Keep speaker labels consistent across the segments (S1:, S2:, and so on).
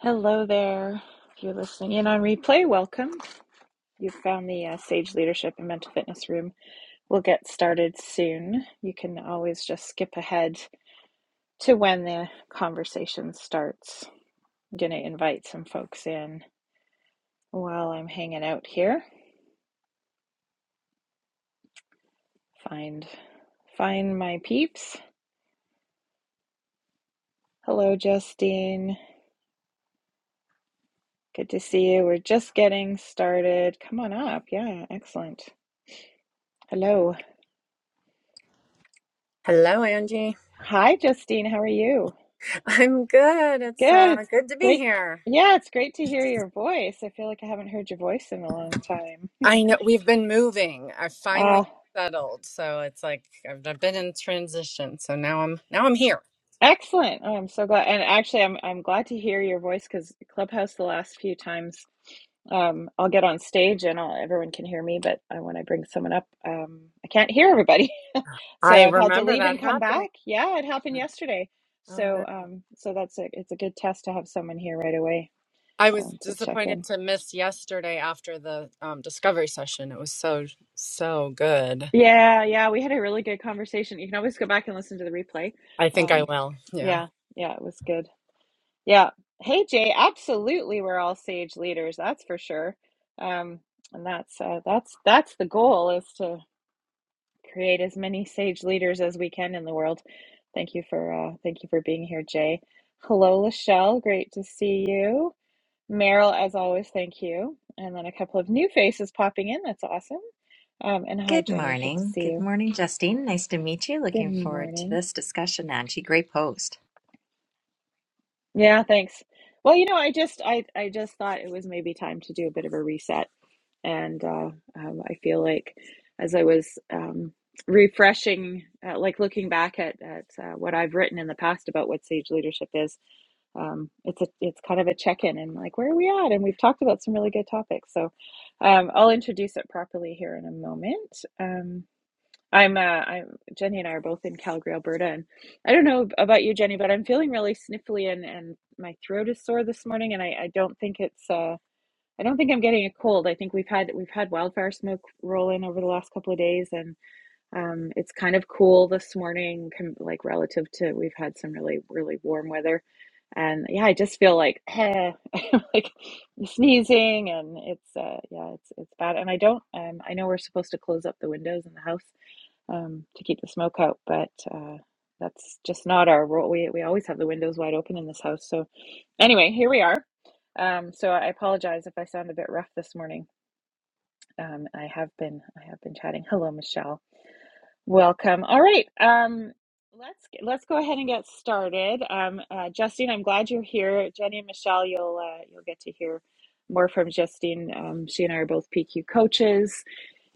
S1: Hello there. If you're listening in on replay, welcome. You've found the uh, Sage Leadership and Mental Fitness Room. We'll get started soon. You can always just skip ahead to when the conversation starts. I'm going to invite some folks in while I'm hanging out here. Find find my peeps. Hello Justine. Good to see you. We're just getting started. Come on up. Yeah, excellent. Hello.
S2: Hello, Angie.
S1: Hi Justine, how are you?
S2: I'm good. It's
S1: Good.
S2: uh,
S1: It's
S2: good to be
S1: great.
S2: here.
S1: Yeah, it's great to hear your voice. I feel like I haven't heard your voice in a long time.
S2: I know we've been moving. I finally
S1: Uh,
S2: settled, so it's like I've, I've been in transition. So now I'm now I'm here.
S1: excellent. Oh, I'm so glad. And actually, I'm I'm glad to hear your voice because Clubhouse the last few times, um, I'll get on stage and I'll, everyone can hear me, but uh, when I bring someone up, um, I can't hear everybody. So
S2: I
S1: I've had to
S2: remember
S1: leave
S2: that
S1: and come
S2: happening.
S1: back. Yeah, it happened yesterday.
S2: Oh no!
S1: So um, so that's a it's a good test to have someone here right away
S2: I was
S1: um, to check in.
S2: disappointed to miss yesterday after the um, discovery session. It was so so good.
S1: Yeah, yeah, we had a really good conversation. You can always go back and listen to the replay.
S2: I think I
S1: Um,
S2: will. Yeah.
S1: yeah, yeah, it was good. Yeah. Hey, Jay, absolutely, we're all sage leaders, that's for sure. Um, and that's uh, that's that's the goal is to create as many sage leaders as we can in the world. Thank you for uh, thank you for being here, Jay. Hello, Lachelle, great to see you. Meryl, as always, thank you. And then a couple of new faces popping in. That's awesome. Um, and hi,
S3: Good
S1: Jenny, good to
S3: morning.
S1: see
S3: Good
S1: you.
S3: morning, Justine. Nice to meet you.
S1: Good
S3: Looking forward to
S1: morning.
S3: this discussion, Angie. Great post.
S1: Yeah, thanks. Well, you know, I just I I just thought it was maybe time to do a bit of a reset, and uh, um, I feel like as I was um, refreshing, uh, like looking back at at uh, what I've written in the past about what sage leadership is, um, it's a it's kind of a check in and like where are we at? And we've talked about some really good topics, so um, I'll introduce it properly here in a moment. Um, I'm uh I'm Jenny and I are both in Calgary, Alberta, and I don't know about you, Jenny, but I'm feeling really sniffly and and my throat is sore this morning and I I don't think it's uh I don't think I'm getting a cold. I think we've had we've had wildfire smoke roll in over the last couple of days and um it's kind of cool this morning com like relative to we've had some really really warm weather. And yeah, I just feel like eh, like sneezing and it's uh yeah, it's it's bad. And I don't um I know we're supposed to close up the windows in the house um, to keep the smoke out, but uh, that's just not our role. We, we always have the windows wide open in this house. So, anyway, here we are. Um, so I apologize if I sound a bit rough this morning. Um, I have been I have been chatting. Hello, Michelle. Welcome. All right. Um, let's let's go ahead and get started. Um, uh, Justine, I'm glad you're here. Jenny and Michelle, you'll uh, you'll get to hear more from Justine. Um, she and I are both PQ coaches.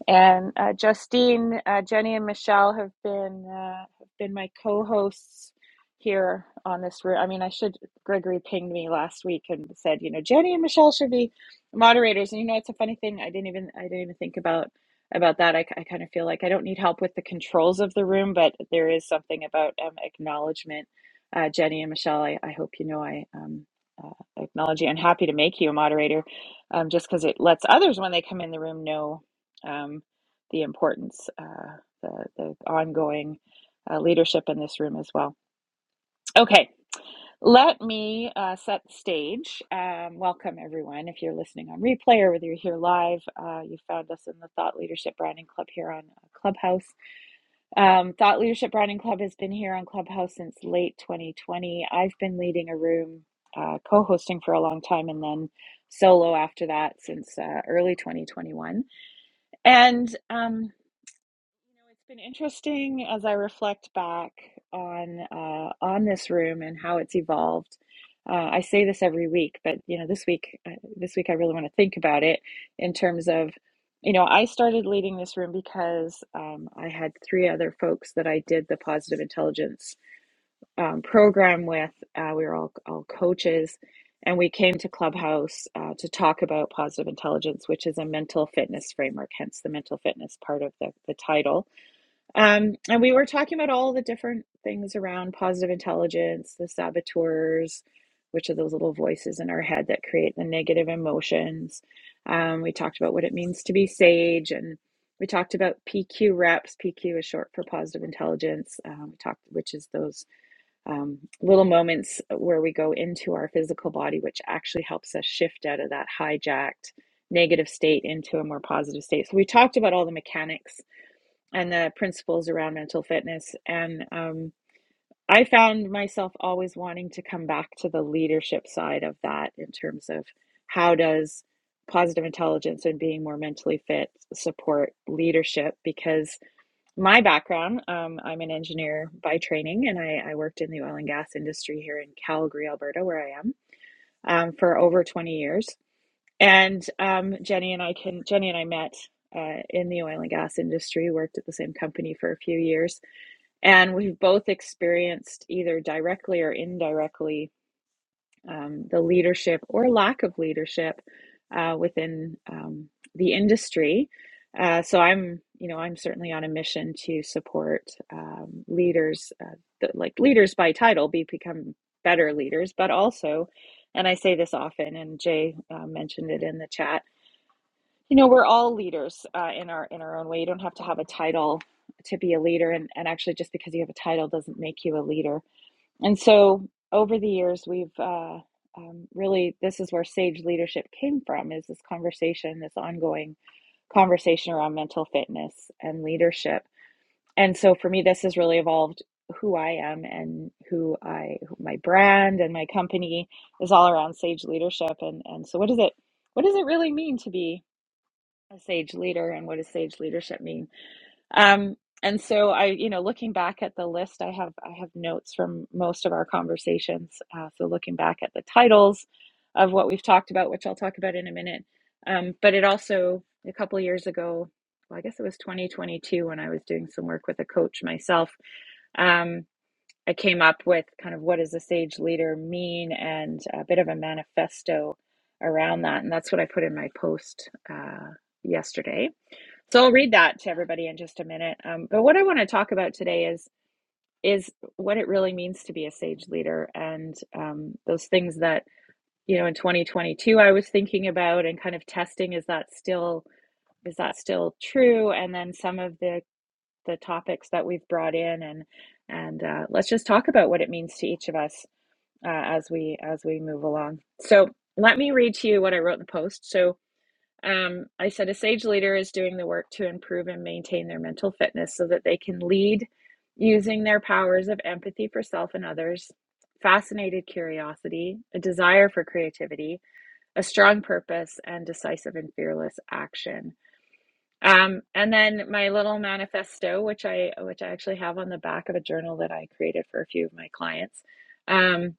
S1: And uh, Justine, uh, Jenny, and Michelle have been uh, have been my co-hosts here on this room. I mean, I should. Gregory pinged me last week and said, you know, Jenny and Michelle should be moderators. And you know, it's a funny thing. I didn't even I didn't even think about about that. I, I kind of feel like I don't need help with the controls of the room, but there is something about um, acknowledgement. Uh, Jenny and Michelle, I, I hope you know I um, uh, acknowledge you and happy to make you a moderator um, just because it lets others when they come in the room know um, the importance, uh, the, the ongoing uh, leadership in this room as well. Okay, let me uh, set the stage. Um, welcome, everyone. If you're listening on replay or whether you're here live, uh, you found us in the Thought Leadership Branding Club here on uh, Clubhouse. Um, Thought Leadership Branding Club has been here on Clubhouse since late 2020. I've been leading a room, uh, co hosting for a long time, and then solo after that since uh, early 2021. And um, You know, it's been interesting as I reflect back on uh, on this room and how it's evolved. Uh, I say this every week, but you know, this week, uh, this week I really want to think about it in terms of, you know, I started leading this room because um, I had three other folks that I did the positive intelligence um, program with. Uh, we were all all coaches, and we came to Clubhouse uh, to talk about positive intelligence, which is a mental fitness framework, hence the mental fitness part of the the title um, and we were talking about all the different things around positive intelligence, the saboteurs, which are those little voices in our head that create the negative emotions. Um, we talked about what it means to be sage, and we talked about PQ reps. PQ is short for positive intelligence. Um, we talked, which is those um, little moments where we go into our physical body, which actually helps us shift out of that hijacked negative state into a more positive state. So we talked about all the mechanics and the principles around mental fitness. And um, I found myself always wanting to come back to the leadership side of that in terms of how does positive intelligence and being more mentally fit support leadership because my background um, i'm an engineer by training and I, I worked in the oil and gas industry here in calgary alberta where i am um, for over 20 years and um, jenny and i can jenny and i met uh, in the oil and gas industry worked at the same company for a few years and we've both experienced, either directly or indirectly, um, the leadership or lack of leadership uh, within um, the industry. Uh, so I'm, you know, I'm certainly on a mission to support um, leaders, uh, th- like leaders by title, be become better leaders, but also, and I say this often, and Jay uh, mentioned it in the chat you know, we're all leaders uh, in our in our own way. You don't have to have a title to be a leader, and and actually, just because you have a title doesn't make you a leader. And so, over the years, we've uh, um, really this is where sage leadership came from. Is this conversation, this ongoing conversation around mental fitness and leadership. And so, for me, this has really evolved who I am and who I my brand and my company is all around sage leadership. And and so, what does it what does it really mean to be? a sage leader and what does sage leadership mean um and so i you know looking back at the list i have i have notes from most of our conversations uh, so looking back at the titles of what we've talked about which i'll talk about in a minute um, but it also a couple of years ago well, i guess it was 2022 when i was doing some work with a coach myself um, i came up with kind of what does a sage leader mean and a bit of a manifesto around that and that's what i put in my post uh, yesterday so I'll read that to everybody in just a minute. Um, but what I want to talk about today is is what it really means to be a sage leader and um, those things that you know in 2022 I was thinking about and kind of testing is that still is that still true? And then some of the the topics that we've brought in and and uh, let's just talk about what it means to each of us uh, as we as we move along. So let me read to you what I wrote in the post. So um, I said a sage leader is doing the work to improve and maintain their mental fitness so that they can lead using their powers of empathy for self and others, fascinated curiosity, a desire for creativity, a strong purpose, and decisive and fearless action. Um, and then my little manifesto, which I which I actually have on the back of a journal that I created for a few of my clients. Um,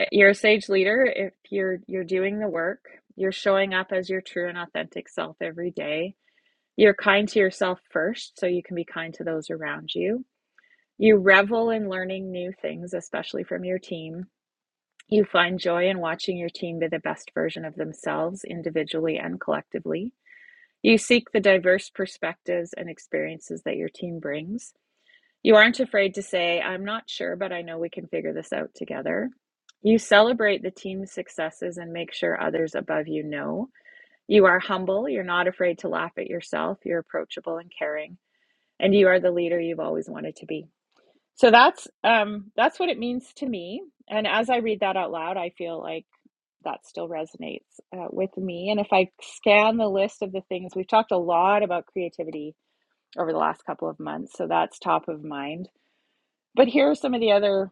S1: eh, you're a sage leader if you're you're doing the work, you're showing up as your true and authentic self every day. You're kind to yourself first, so you can be kind to those around you. You revel in learning new things, especially from your team. You find joy in watching your team be the best version of themselves individually and collectively. You seek the diverse perspectives and experiences that your team brings. You aren't afraid to say, I'm not sure, but I know we can figure this out together. You celebrate the team's successes and make sure others above you know. You are humble. You're not afraid to laugh at yourself. You're approachable and caring, and you are the leader you've always wanted to be. So that's um, that's what it means to me. And as I read that out loud, I feel like that still resonates uh, with me. And if I scan the list of the things, we've talked a lot about creativity over the last couple of months, so that's top of mind. But here are some of the other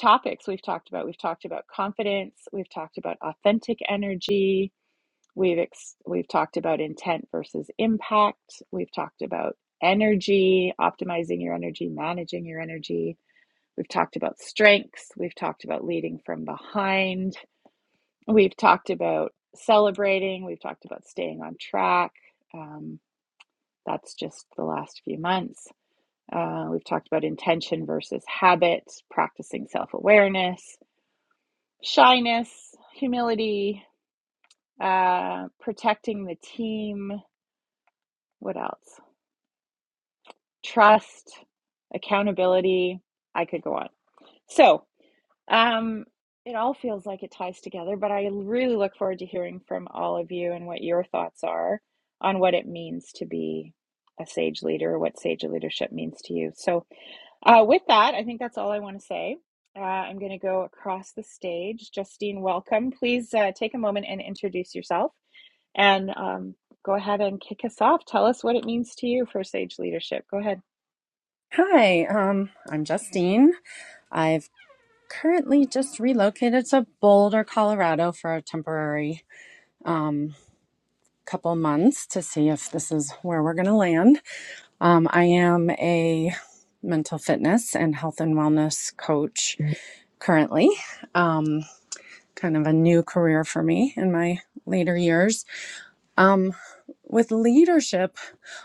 S1: topics we've talked about. We've talked about confidence, we've talked about authentic energy, we've ex- we've talked about intent versus impact, we've talked about energy, optimizing your energy, managing your energy. We've talked about strengths, we've talked about leading from behind, We've talked about celebrating, we've talked about staying on track. Um, that's just the last few months. Uh, we've talked about intention versus habit, practicing self awareness, shyness, humility, uh, protecting the team. What else? Trust, accountability. I could go on. So, Um, it all feels like it ties together, but I really look forward to hearing from all of you and what your thoughts are on what it means to be a sage leader, or what sage leadership means to you. So, uh, with that, I think that's all I want to say. Uh, I'm going to go across the stage. Justine, welcome. Please uh, take a moment and introduce yourself and um, go ahead and kick us off. Tell us what it means to you for sage leadership. Go ahead.
S2: Hi. Um, I'm Justine. I've currently just relocated to Boulder, Colorado for a temporary um, couple months to see if this is where we're going to land. Um, I am a mental fitness and health and wellness coach currently, um, kind of a new career for me in my later years. Um, with leadership,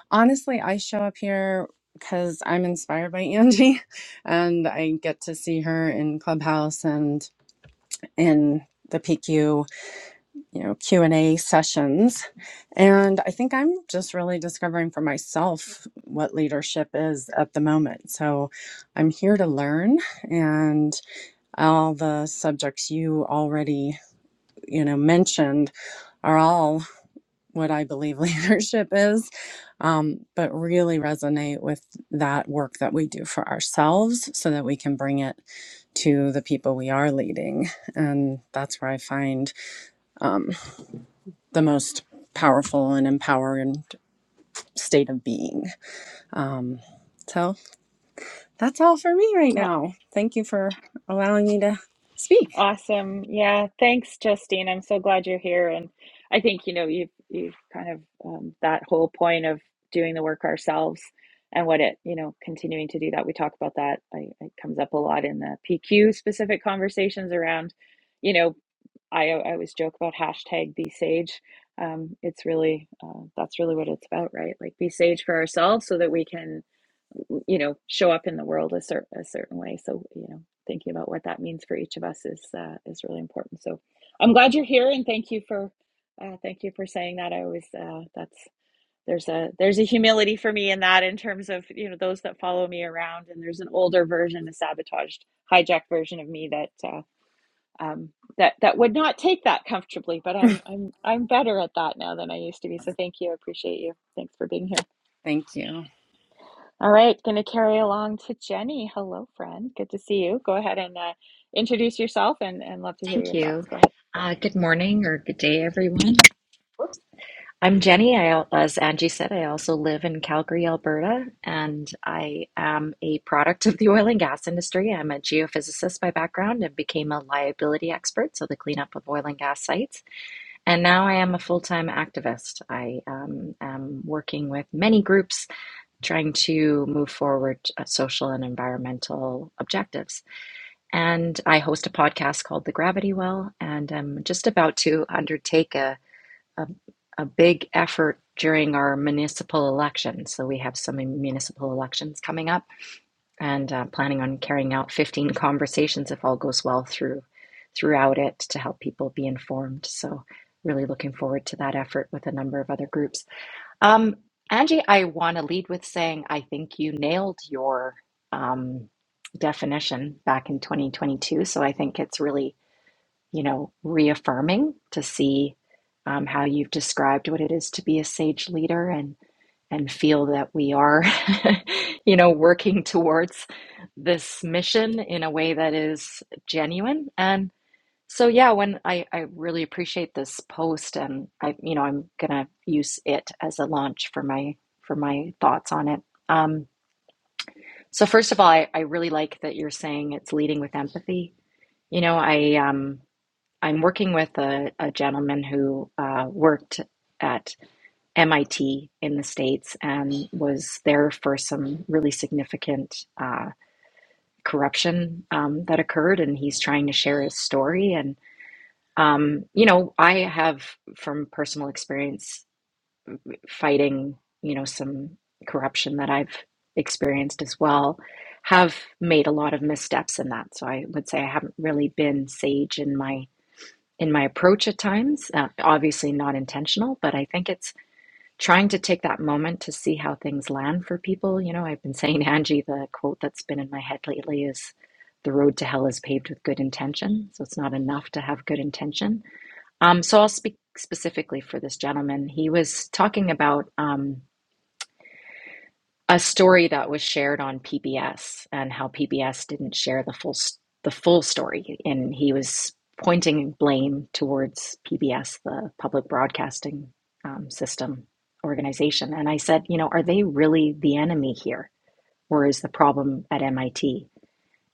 S2: honestly, I show up here because I'm inspired by Angie and I get to see her in Clubhouse and in the PQ you know q&a sessions and i think i'm just really discovering for myself what leadership is at the moment so i'm here to learn and all the subjects you already you know mentioned are all what i believe leadership is um, but really resonate with that work that we do for ourselves so that we can bring it to the people we are leading and that's where i find um, the most powerful and empowered state of being. Um, so that's all for me right now. Thank you for allowing me to speak.
S1: Awesome. Yeah. Thanks, Justine. I'm so glad you're here. And I think, you know, you've you've kind of um, that whole point of doing the work ourselves and what it, you know, continuing to do that. We talk about that. I, it comes up a lot in the PQ specific conversations around, you know, I, I always joke about hashtag be sage. Um, it's really, uh, that's really what it's about, right? Like be sage for ourselves so that we can, you know, show up in the world a, cer- a certain way. So, you know, thinking about what that means for each of us is, uh, is really important. So I'm glad you're here and thank you for, uh, thank you for saying that. I always, uh, that's, there's a, there's a humility for me in that in terms of, you know, those that follow me around and there's an older version, a sabotaged, hijacked version of me that, uh, um, that that would not take that comfortably. But I'm I'm I'm better at that now than I used to be. So thank you, I appreciate you. Thanks for being here.
S2: Thank you.
S1: All right, going to carry along to Jenny. Hello, friend. Good to see you. Go ahead and uh, introduce yourself, and and love to hear
S3: Thank
S1: your
S3: you.
S1: thoughts. Go ahead.
S3: Uh, good morning or good day, everyone. Whoops. I'm Jenny. I, al- as Angie said, I also live in Calgary, Alberta, and I am a product of the oil and gas industry. I'm a geophysicist by background and became a liability expert, so the cleanup of oil and gas sites. And now I am a full time activist. I um, am working with many groups trying to move forward uh, social and environmental objectives. And I host a podcast called The Gravity Well, and I'm just about to undertake a, a, a big effort during our municipal elections. So we have some municipal elections coming up, and uh, planning on carrying out 15 conversations, if all goes well, through throughout it to help people be informed. So really looking forward to that effort with a number of other groups. Um, Angie, I want to lead with saying I think you nailed your um, definition back in 2022. So I think it's really, you know, reaffirming to see um, how you've described what it is to be a sage leader and and feel that we are, you know, working towards this mission in a way that is genuine and. So yeah, when I, I really appreciate this post and I you know I'm gonna use it as a launch for my for my thoughts on it. Um, so first of all, I, I really like that you're saying it's leading with empathy. You know, I um I'm working with a, a gentleman who uh, worked at MIT in the States and was there for some really significant uh, corruption um, that occurred, and he's trying to share his story and. Um, you know, I have from personal experience fighting, you know, some corruption that I've experienced as well, have made a lot of missteps in that. So I would say I haven't really been sage in my in my approach at times. Uh, obviously not intentional, but I think it's trying to take that moment to see how things land for people. You know, I've been saying, Angie, the quote that's been in my head lately is the road to hell is paved with good intention. So it's not enough to have good intention um, so I'll speak specifically for this gentleman. He was talking about um, a story that was shared on PBS and how PBS didn't share the full s- the full story, and he was pointing blame towards PBS, the public broadcasting um, system organization. And I said, you know, are they really the enemy here, or is the problem at MIT?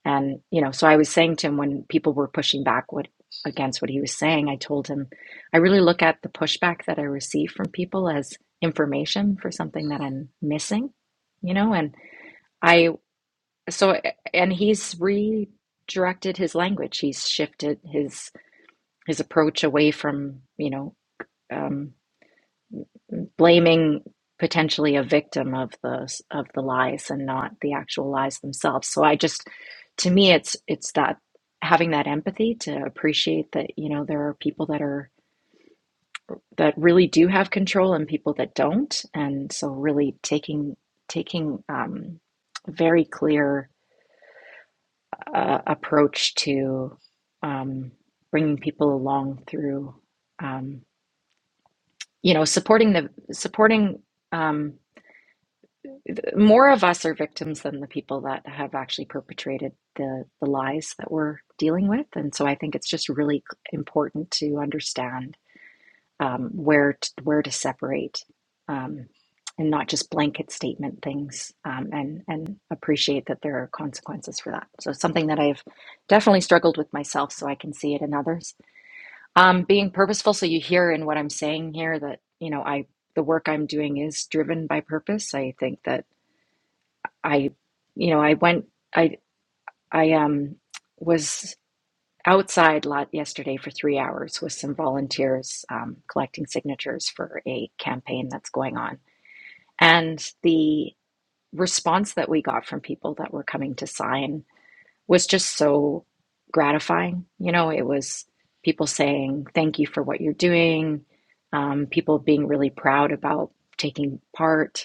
S3: And, you know, so I was saying to him when people were pushing back what against what he was saying, I told him, I really look at the pushback that I receive from people as information for something that I'm missing, you know, and I so and he's redirected his language. He's shifted his his approach away from, you know, um, blaming potentially a victim of the of the lies and not the actual lies themselves. So I just, to me, it's it's that having that empathy to appreciate that you know there are people that are that really do have control and people that don't, and so really taking taking um, a very clear uh, approach to um, bringing people along through um, you know supporting the supporting. Um, more of us are victims than the people that have actually perpetrated the the lies that we're dealing with and so i think it's just really important to understand um, where to, where to separate um, and not just blanket statement things um, and and appreciate that there are consequences for that so it's something that i've definitely struggled with myself so i can see it in others um, being purposeful so you hear in what i'm saying here that you know i the work i'm doing is driven by purpose i think that I, you know, I went, I, I um, was outside lot yesterday for three hours with some volunteers um, collecting signatures for a campaign that's going on. And the response that we got from people that were coming to sign was just so gratifying. You know, it was people saying, thank you for what you're doing, um, people being really proud about taking part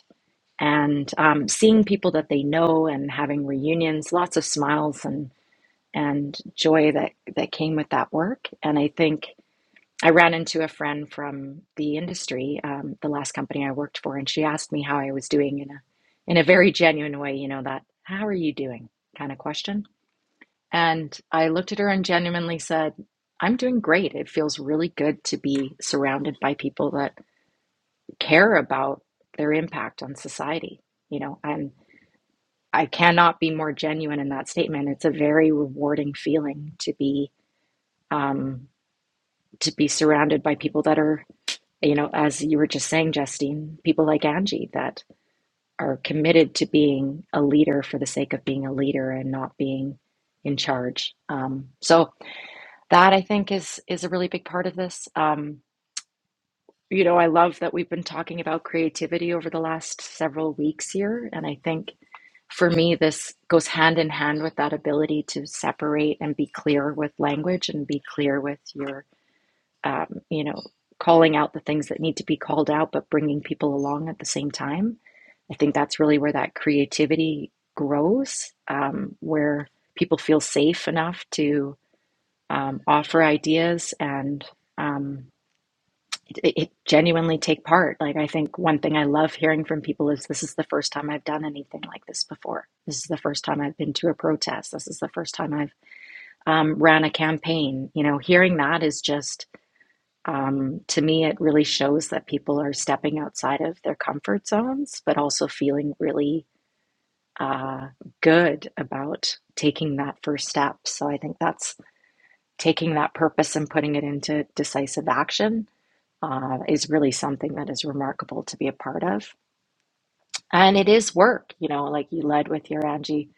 S3: and um, seeing people that they know and having reunions, lots of smiles and and joy that that came with that work. And I think I ran into a friend from the industry, um, the last company I worked for, and she asked me how I was doing in a in a very genuine way, you know, that how are you doing kind of question. And I looked at her and genuinely said, I'm doing great. It feels really good to be surrounded by people that care about their impact on society, you know, and I cannot be more genuine in that statement. It's a very rewarding feeling to be um, to be surrounded by people that are, you know, as you were just saying, Justine, people like Angie that are committed to being a leader for the sake of being a leader and not being in charge. Um, so that I think is is a really big part of this. Um, you know, I love that we've been talking about creativity over the last several weeks here, and I think for me, this goes hand in hand with that ability to separate and be clear with language and be clear with your, um, you know, calling out the things that need to be called out, but bringing people along at the same time. I think that's really where that creativity grows, um, where people feel safe enough to um, offer ideas and um, it, it genuinely take part. Like, I think one thing I love hearing from people is this is the first time I've done anything like this before. This is the first time I've been to a protest. This is the first time I've um, ran a campaign. You know, hearing that is just, um, to me, it really shows that people are stepping outside of their comfort zones, but also feeling really uh, good about taking that first step. So I think that's taking that purpose and putting it into decisive action uh, is really something that is remarkable to be a part of. And it is work, you know, like you led with your Angie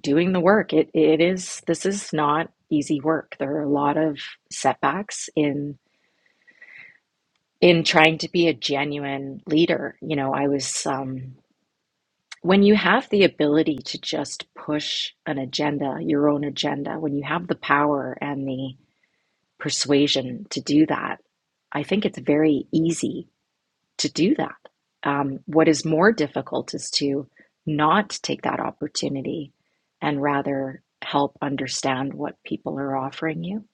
S3: doing the work. It it is this is not easy work. There are a lot of setbacks in in trying to be a genuine leader. You know, I was um, when you have the ability to just push an agenda, your own agenda, when you have the power and the persuasion to do that, I think it's very easy to do that. Um, what is more difficult is to not take that opportunity and rather help understand what people are offering you.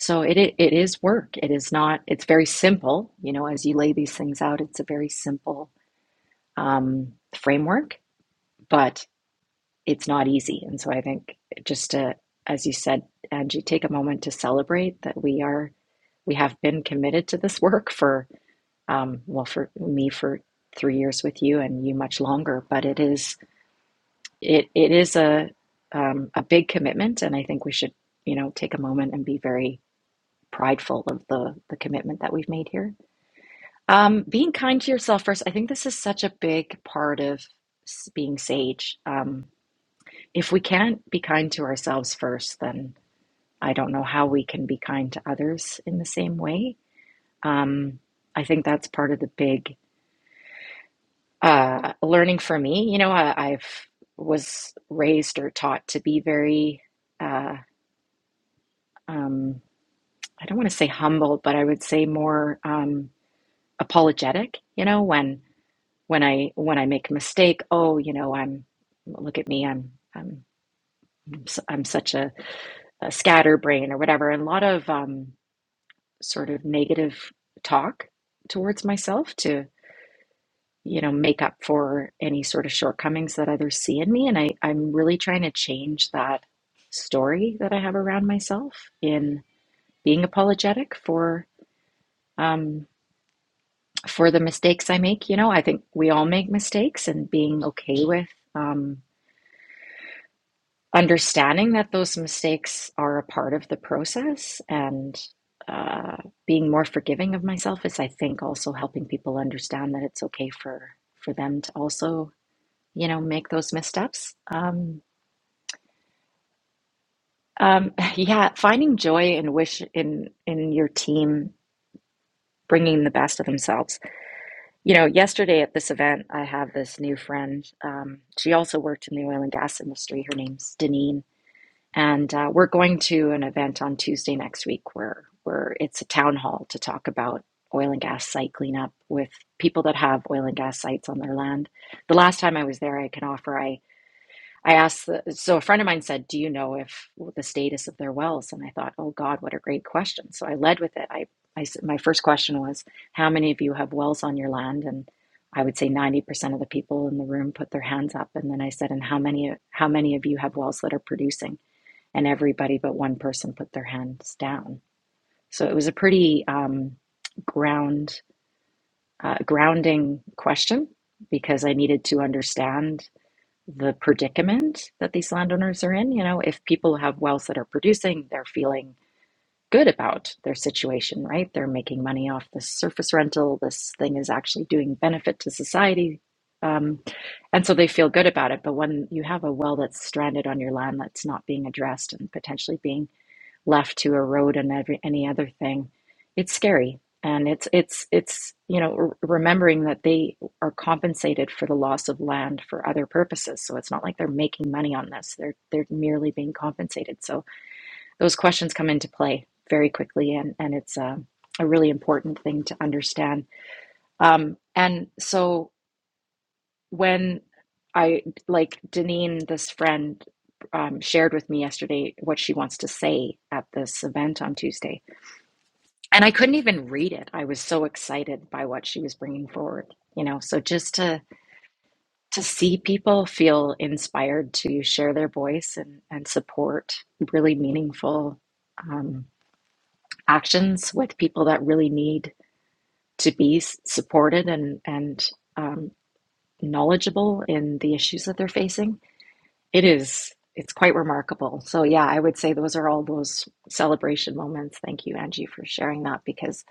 S3: So it, it it is work. It is not. It's very simple. You know, as you lay these things out, it's a very simple um, framework, but it's not easy. And so I think just to, as you said, Angie, take a moment to celebrate that we are we have been committed to this work for um, well for me for three years with you and you much longer but it is it it is a um, a big commitment and I think we should you know take a moment and be very prideful of the the commitment that we've made here um, being kind to yourself first I think this is such a big part of s- being sage um, if we can't be kind to ourselves first then I don't know how we can be kind to others in the same way um, I think that's part of the big uh, learning for me, you know, I, I've was raised or taught to be very, uh, um, I don't want to say humble, but I would say more um, apologetic. You know, when when I when I make a mistake, oh, you know, I'm look at me, I'm I'm I'm such a, a scatterbrain or whatever, and a lot of um, sort of negative talk towards myself to you know, make up for any sort of shortcomings that others see in me. And I, I'm really trying to change that story that I have around myself in being apologetic for um, for the mistakes I make. You know, I think we all make mistakes, and being okay with um, understanding that those mistakes are a part of the process and uh, being more forgiving of myself is, I think, also helping people understand that it's okay for for them to also you know make those missteps um, um, yeah finding joy and wish in in your team bringing the best of themselves you know yesterday at this event i have this new friend um, she also worked in the oil and gas industry her name's deneen and uh, we're going to an event on tuesday next week where where it's a town hall to talk about oil and gas site cleanup with people that have oil and gas sites on their land the last time i was there i can offer I. I asked, the, so a friend of mine said, Do you know if the status of their wells? And I thought, Oh God, what a great question. So I led with it. I, I s- my first question was, How many of you have wells on your land? And I would say 90% of the people in the room put their hands up. And then I said, And how many, how many of you have wells that are producing? And everybody but one person put their hands down. So it was a pretty um, ground, uh, grounding question because I needed to understand the predicament that these landowners are in. You know, if people have wells that are producing, they're feeling good about their situation, right? They're making money off this surface rental. This thing is actually doing benefit to society. Um, and so they feel good about it. But when you have a well that's stranded on your land that's not being addressed and potentially being left to erode and every, any other thing. It's scary. And it's, it's, it's, you know, remembering that they are compensated for the loss of land for other purposes. So it's not like they're making money on this. They're, they're merely being compensated. So those questions come into play very quickly. And, and it's a, a really important thing to understand. Um, and so when I, like Deneen, this friend, um, shared with me yesterday what she wants to say at this event on Tuesday and I couldn't even read it. I was so excited by what she was bringing forward, you know. So just to to see people feel inspired to share their voice and and support really meaningful um, actions with people that really need to be s- supported and and um, knowledgeable in the issues that they're facing. It is it's quite remarkable. So yeah, I would say those are all those celebration moments. Thank you, Angie, for sharing that because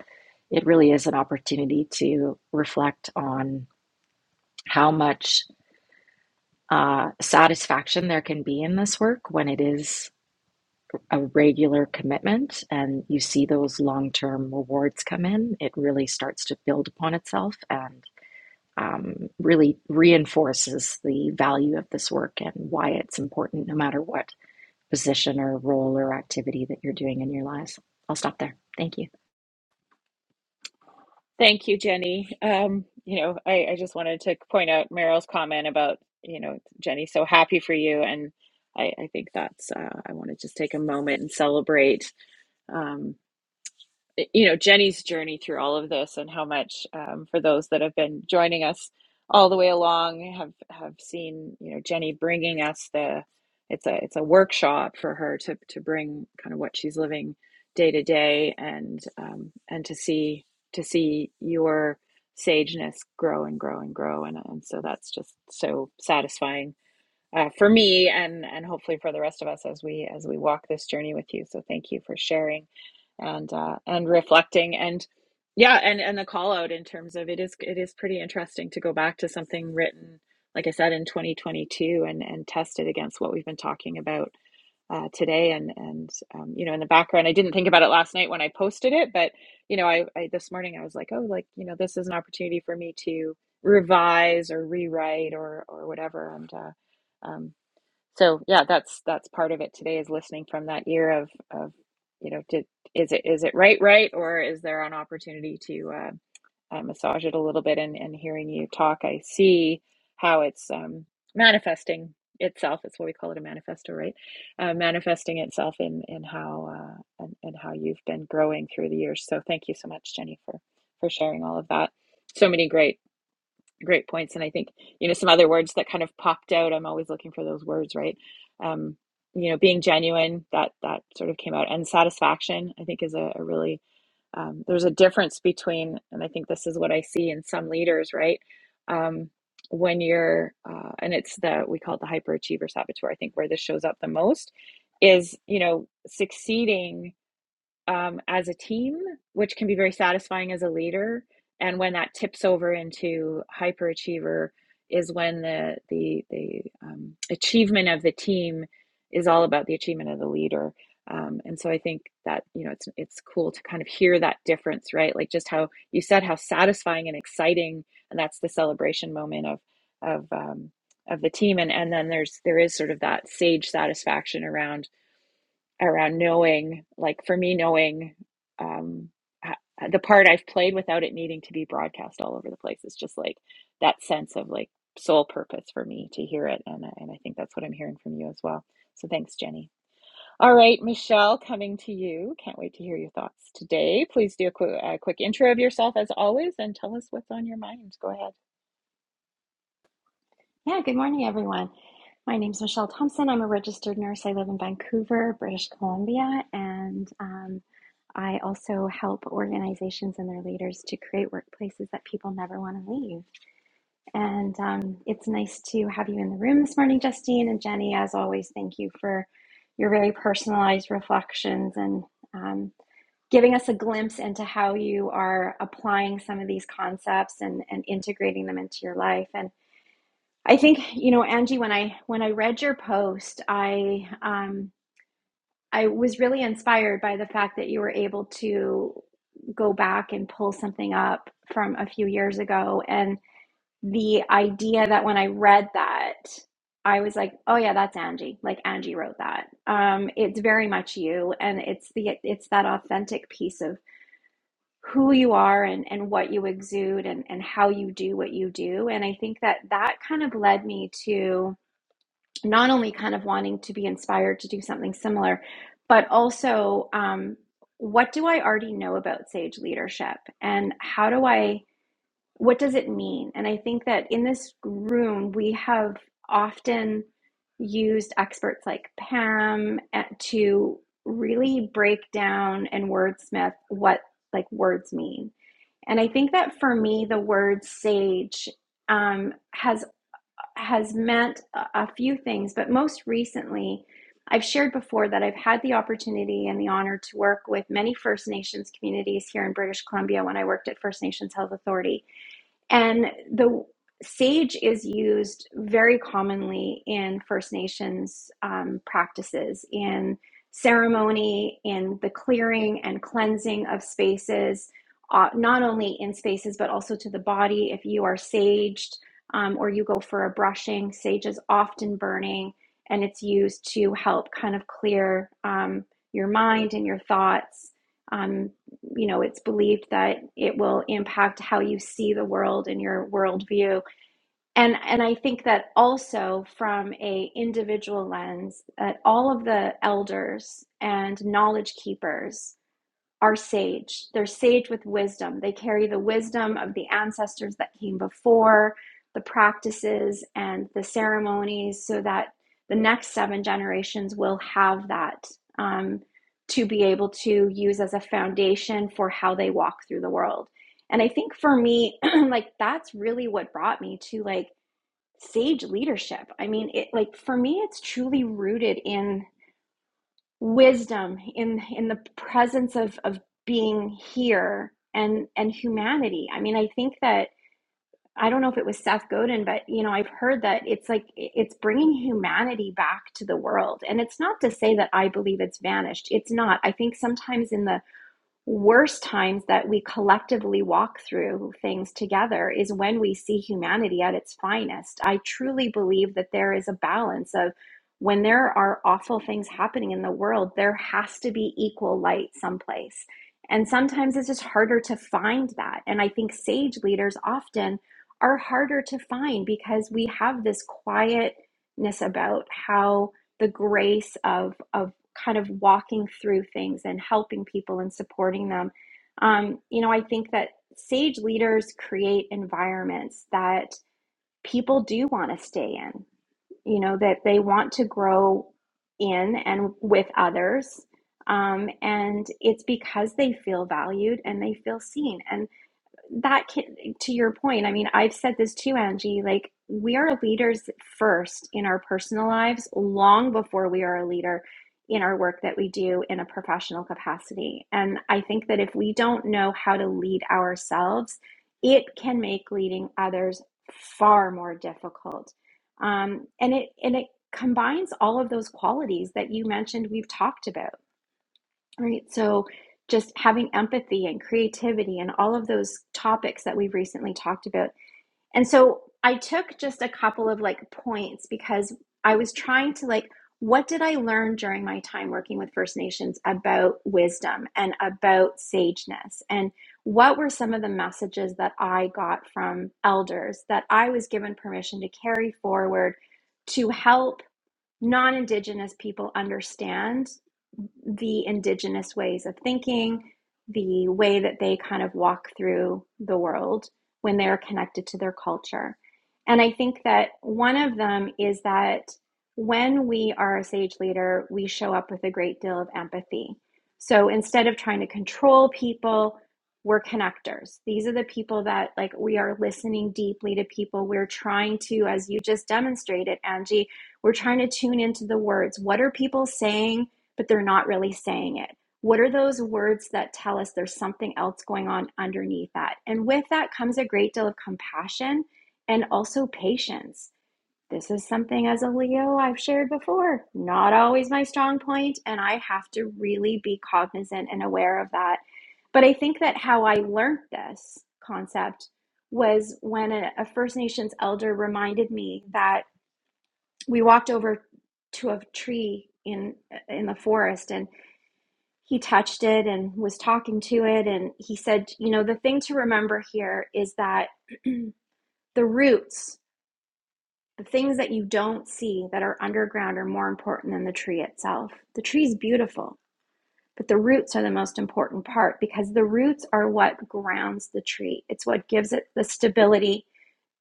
S3: it really is an opportunity to reflect on how much uh, satisfaction there can be in this work when it is a regular commitment and you see those long term rewards come in. It really starts to build upon itself and um, really reinforces the value of this work and why it's important, no matter what position or role or activity that you're doing in your lives. I'll stop there. Thank you.
S1: Thank you, Jenny. Um, you know, I, I just wanted to point out Meryl's comment about you know Jenny. So happy for you, and I, I think that's. Uh, I want to just take a moment and celebrate. Um. you know Jenny's journey through all of this and how much um, for those that have been joining us all the way along have have seen you know Jenny bringing us the it's a it's a workshop for her to to bring kind of what she's living day to day and um, and to see to see your sageness grow and grow and grow and and so that's just so satisfying uh, for me and and hopefully for the rest of us as we as we walk this journey with you. So thank you for sharing and uh, and reflecting and yeah and and the call out in terms of it is it is pretty interesting to go back to something written like I said in 2022 and and test it against what we've been talking about uh, today and and um, you know in the background i didn't think about it last night when i posted it but you know I, I this morning i was like oh like you know this is an opportunity for me to revise or rewrite or or whatever and uh, um, so yeah that's that's part of it today is listening from that ear of of you know did is it is it right right or is there an opportunity to uh, I massage it a little bit and, and hearing you talk, I see how it's um, manifesting itself. It's what we call it a manifesto, right? Uh, manifesting itself in in how uh, and, and how you've been growing through the years. So thank you so much, Jenny, for for sharing all of that. So many great great points, and I think you know some other words that kind of popped out. I'm always looking for those words, right? Um, you know, being genuine that that sort of came out, and satisfaction I think is a, a really um, there's a difference between and i think this is what i see in some leaders right um, when you're uh, and it's the we call it the hyperachiever saboteur i think where this shows up the most is you know succeeding um, as a team, which can be very satisfying as a leader. And when that tips over into hyperachiever, is when the the the um, achievement of the team is all about the achievement of the leader. Um, and so I think that you know it's it's cool to kind of hear that difference, right? Like just how you said how satisfying and exciting, and that's the celebration moment of of um, of the team, and and then there's there is sort of that sage satisfaction around around knowing like for me knowing um the part I've played without it needing to be broadcast all over the place is just like that sense of like sole purpose for me to hear it and and I think that's what I'm hearing from you as well. So thanks Jenny. All right, Michelle, coming to you. Can't wait to hear your thoughts today. Please do a, qu- a quick intro of yourself as always and tell us what's on your mind. Go ahead.
S4: Yeah, good morning, everyone. My name's Michelle Thompson. I'm a registered nurse. I live in Vancouver, British Columbia, and um, I also help organizations and their leaders to create workplaces that people never want to leave. And um, it's nice to have you in the room this morning, Justine and Jenny. As always, thank you for your very personalized reflections and um, giving us a glimpse into how you are applying some of these concepts and, and integrating them into your life. and. I think you know Angie when I when I read your post I um I was really inspired by the fact that you were able to go back and pull something up from a few years ago and the idea that when I read that I was like oh yeah that's Angie like Angie wrote that um it's very much you and it's the it's that authentic piece of who you are and and what you exude and and how you do what you do and I think that that kind of led me to not only kind of wanting to be inspired to do something similar, but also um, what do I already know about sage leadership and how do I, what does it mean? And I think that in this room, we have often used experts like Pam at- to really break down and wordsmith what like words mean. And I think that for me, the word sage um, has has meant a few things, but most recently, I've shared before that I've had the opportunity and the honor to work with many First Nations communities here in British Columbia when I worked at First Nations Health Authority. And the sage is used very commonly in First Nations um, practices, in ceremony, in the clearing and cleansing of spaces, uh, not only in spaces, but also to the body. If you are saged um, or you go for a brushing, sage is often burning and it's used to help kind of clear um, your mind and your thoughts. um, you know, it's believed that it will impact how you see the world and your worldview. And and I think that also from a individual lens, that all of the elders and knowledge keepers are sage. They're sage with wisdom. They carry the wisdom of the ancestors that came before, the practices and the ceremonies, so that the next seven generations will have that um, to be able to use as a foundation for how they walk through the world. And I think for me, like that's really what brought me to like sage leadership. I mean, it like for me, it's truly rooted in wisdom in in the presence of of being here and and humanity i mean i think that i don't know if it was seth godin but you know i've heard that it's like it's bringing humanity back to the world and it's not to say that i believe it's vanished it's not i think sometimes in the worst times that we collectively walk through things together is when we see humanity at its finest. I truly believe that there is a balance of when there are awful things happening in the world, there has to be equal light someplace. And sometimes it's just harder to find that. And I think sage leaders often are harder to find because we have this quietness about how the grace of of kind of walking through things and helping people and supporting them. Um, you know, I think that sage leaders create environments that people do want to stay in, you know, that they want to grow in and with others. Um, and it's because they feel valued and they feel seen. and that can to your point i mean i've said this too angie like we are leaders first in our personal lives long before we are a leader in our work that we do in a professional capacity and i think that if we don't know how to lead ourselves it can make leading others far more difficult um, and it and it combines all of those qualities that you mentioned we've talked about Right. So just having empathy and creativity and all of those topics that we've recently talked about. And so I took just a couple of like points because I was trying to like, what did I learn during my time working with First Nations about wisdom and about sageness? And what were some of the messages that I got from elders that I was given permission to carry forward to help non Indigenous people understand? the indigenous ways of thinking, the way that they kind of walk through the world when they are connected to their culture. And I think that one of them is that when we are a sage leader, we show up with a great deal of empathy. So instead of trying to control people, we're connectors. These are the people that, like, we are listening deeply to people. We're trying to, as you just demonstrated, Angie, we're trying to tune into the words. What are people saying? but they're not really saying it. What are those words that tell us there's something else going on underneath that? And with that comes a great deal of compassion and also patience. This is something as a Leo I've shared before, not always my strong point, and I have to really be cognizant and aware of that. But I think that how I learned this concept was when a, a First Nations elder reminded me that we walked over to a tree in in the forest and he touched it and was talking to it and he said you know the thing to remember here is that the roots the things that you don't see that are underground are more important than the tree itself the tree is beautiful but the roots are the most important part because the roots are what grounds the tree it's what gives it the stability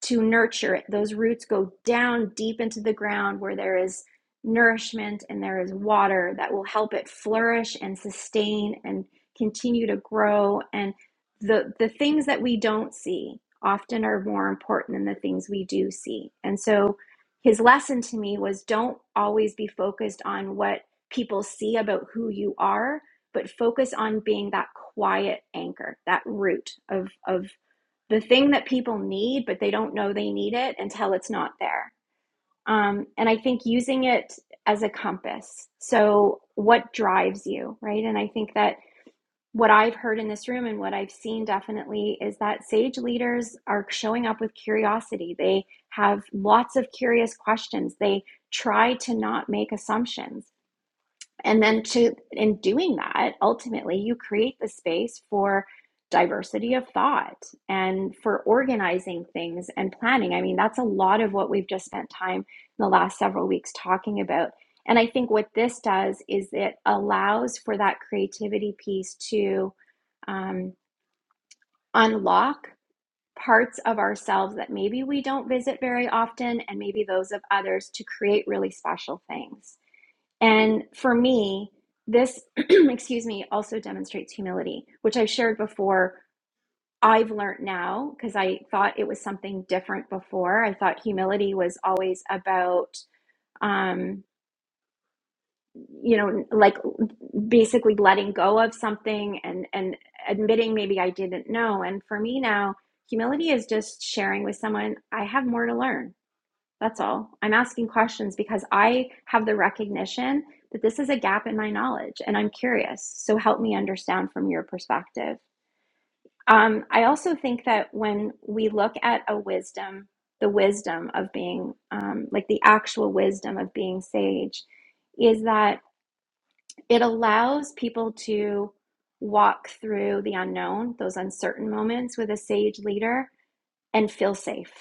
S4: to nurture it. Those roots go down deep into the ground where there is nourishment and there is water that will help it flourish and sustain and continue to grow. And the, the things that we don't see often are more important than the things we do see. And so his lesson to me was don't always be focused on what people see about who you are, but focus on being that quiet anchor, that root of, of the thing that people need, but they don't know they need it until it's not there. Um, and I think using it as a compass. So, what drives you, right? And I think that what I've heard in this room and what I've seen definitely is that sage leaders are showing up with curiosity. They have lots of curious questions. They try to not make assumptions. And then to in doing that, ultimately you create the space for diversity of thought and for organizing things and planning. I mean, that's a lot of what we've just spent time in the last several weeks talking about. And I think what this does is it allows for that creativity piece to um, unlock parts of ourselves that maybe we don't visit very often, and maybe those of others to create really special things. And for me, this, excuse me, also demonstrates humility, which I've shared before. I've learned now because I thought it was something different before. I thought humility was always about, um, you know, like basically letting go of something and and admitting maybe I didn't know. And for me now, humility is just sharing with someone I have more to learn that's all. I'm asking questions because I have the recognition that this is a gap in my knowledge and I'm curious. So help me understand from your perspective. Um, I also think that when we look at a wisdom, the wisdom of being, um, like the actual wisdom of being sage, is that it allows people to walk through the unknown, those uncertain moments with a sage leader and feel safe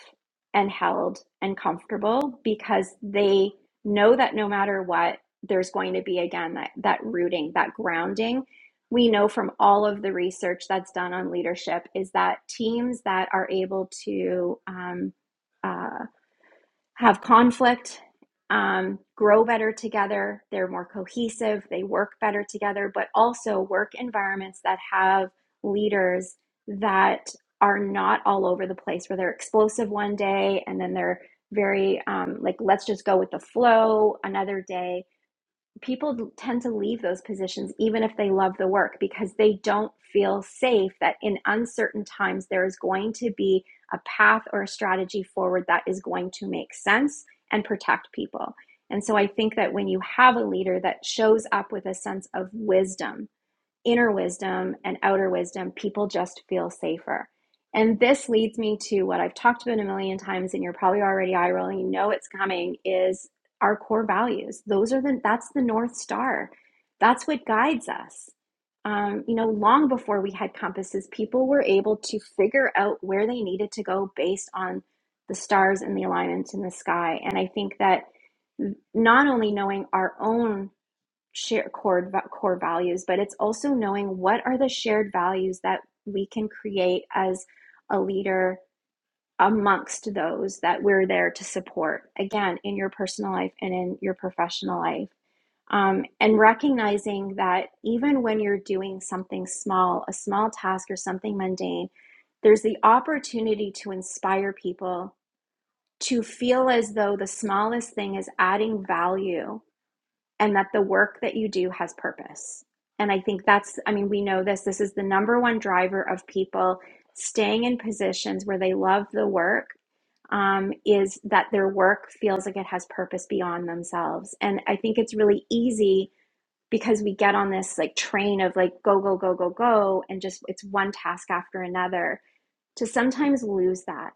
S4: and held and comfortable because they know that no matter what there's going to be again that that rooting that grounding we know from all of the research that's done on leadership is that teams that are able to um, uh, have conflict, um, grow better together. They're more cohesive, they work better together, but also work environments that have leaders that are not all over the place, where they're explosive one day and then they're very um, like, let's just go with the flow another day people tend to leave those positions even if they love the work because they don't feel safe that in uncertain times there is going to be a path or a strategy forward that is going to make sense and protect people. And so I think that when you have a leader that shows up with a sense of wisdom inner wisdom and outer wisdom, people just feel safer. And this leads me to what I've talked about a million times, and you're probably already eye rolling, you know it's coming, is our core values. Those are the that's the North Star. That's what guides us. Um, you know, long before we had compasses, people were able to figure out where they needed to go based on the stars and the alignment in the sky. And I think that not only knowing our own share core core values but it's also knowing what are the shared values that we can create as a leader amongst those that we're there to support again in your personal life and in your professional life um, and recognizing that even when you're doing something small a small task or something mundane there's the opportunity to inspire people to feel as though the smallest thing is adding value and that the work that you do has purpose. And I think that's, I mean, we know this. This is the number one driver of people staying in positions where they love the work um, is that their work feels like it has purpose beyond themselves. And I think it's really easy because we get on this like train of like go, go, go, go, go, and just it's one task after another to sometimes lose that.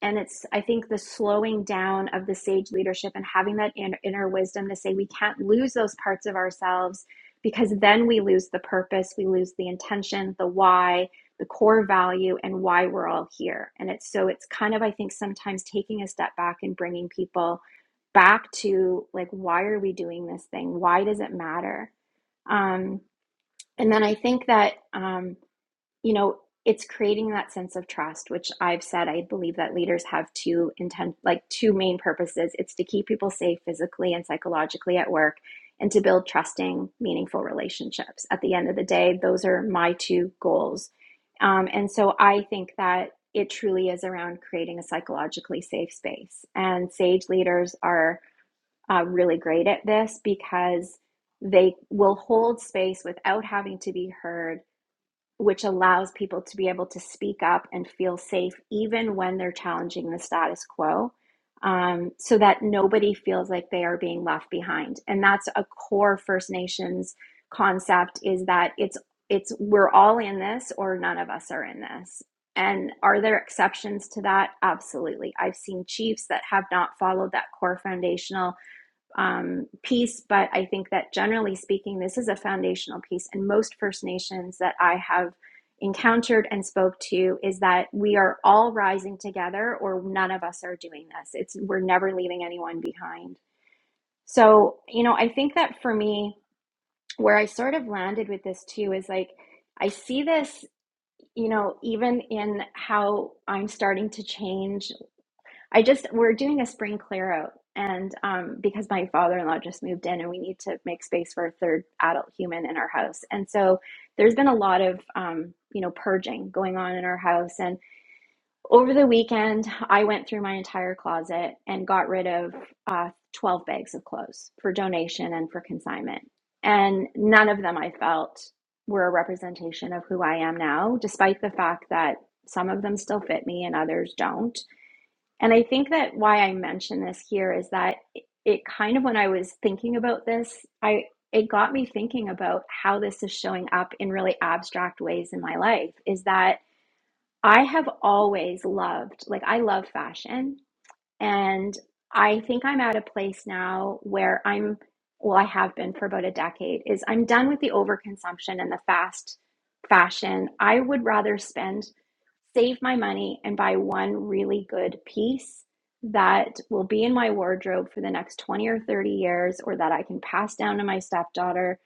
S4: And it's, I think, the slowing down of the sage leadership and having that inner inner wisdom to say we can't lose those parts of ourselves because then we lose the purpose, we lose the intention, the why, the core value, and why we're all here. And it's so, it's kind of, I think, sometimes taking a step back and bringing people back to like, why are we doing this thing? Why does it matter? Um, and then I think that. Um, you know it's creating that sense of trust which i've said i believe that leaders have two intent like two main purposes it's to keep people safe physically and psychologically at work and to build trusting meaningful relationships at the end of the day those are my two goals um, and so i think that it truly is around creating a psychologically safe space and sage leaders are uh, really great at this because they will hold space without having to be heard which allows people to be able to speak up and feel safe even when they're challenging the status quo um, so that nobody feels like they are being left behind and that's a core first nations concept is that it's it's we're all in this or none of us are in this and are there exceptions to that absolutely i've seen chiefs that have not followed that core foundational um, piece, but I think that generally speaking, this is a foundational piece. And most First Nations that I have encountered and spoke to is that we are all rising together, or none of us are doing this. It's we're never leaving anyone behind. So you know, I think that for me, where I sort of landed with this too is like I see this, you know, even in how I'm starting to change I just we're doing a spring clear out and um because my father-in-law just moved in and we need to make space for a third adult human in our house. And so there's been a lot of um you know purging going on in our house and over the weekend I went through my entire closet and got rid of uh 12 bags of clothes for donation and for consignment. And none of them I felt were a representation of who I am now despite the fact that some of them still fit me and others don't and I think that why I mention this here is that it kind of, when I was thinking about this, I it got me thinking about how this is showing up in really abstract ways in my life. Is that I have always loved, like, I love fashion and I think I'm at a place now where I'm, well, I have been for about a decade, is I'm done with the overconsumption and the fast fashion. I would rather spend, save my money and buy one really good piece that will be in my wardrobe for the next 20 or 30 years or that I can pass down to my stepdaughter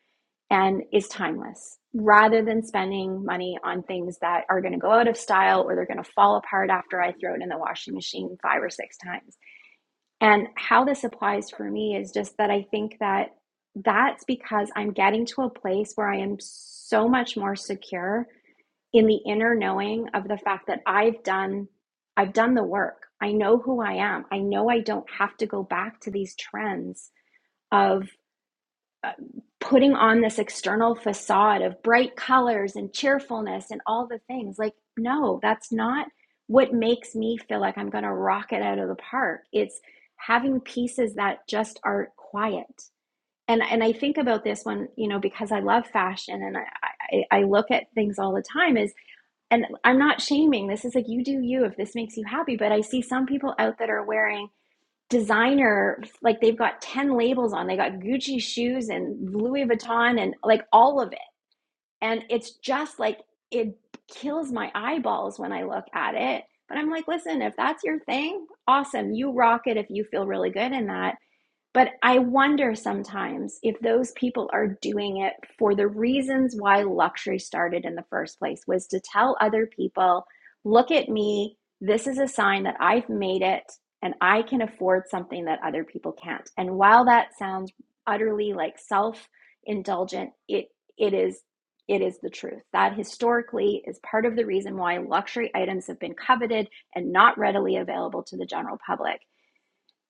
S4: and is timeless rather than spending money on things that are going to go out of style or they're going to fall apart after I throw it in the washing machine five or six times. And how this applies for me is just that I think that that's because I'm getting to a place where I am so much more secure in the inner knowing of the fact that I've done I've done the work. I know who I am. I know I don't have to go back to these trends of uh, putting on this external facade of bright colors and cheerfulness and all the things. Like, no, that's not what makes me feel like I'm going to rock it out of the park. It's having pieces that just are quiet. And, and I think about this one, you know, because I love fashion and I, I, I look at things all the time is, and I'm not shaming. This is like, you do you if this makes you happy. But I see some people out that are wearing designer like they've got 10 labels on they got gucci shoes and louis vuitton and like all of it and it's just like it kills my eyeballs when i look at it but i'm like listen if that's your thing awesome you rock it if you feel really good in that but I wonder sometimes if those people are doing it for the reasons why luxury started in the first place was to tell other people, look at me, this is a sign that I've made it and I can afford something that other people can't. And while that sounds utterly like self-indulgent, it it is it is the truth. That historically is part of the reason why luxury items have been coveted and not readily available to the general public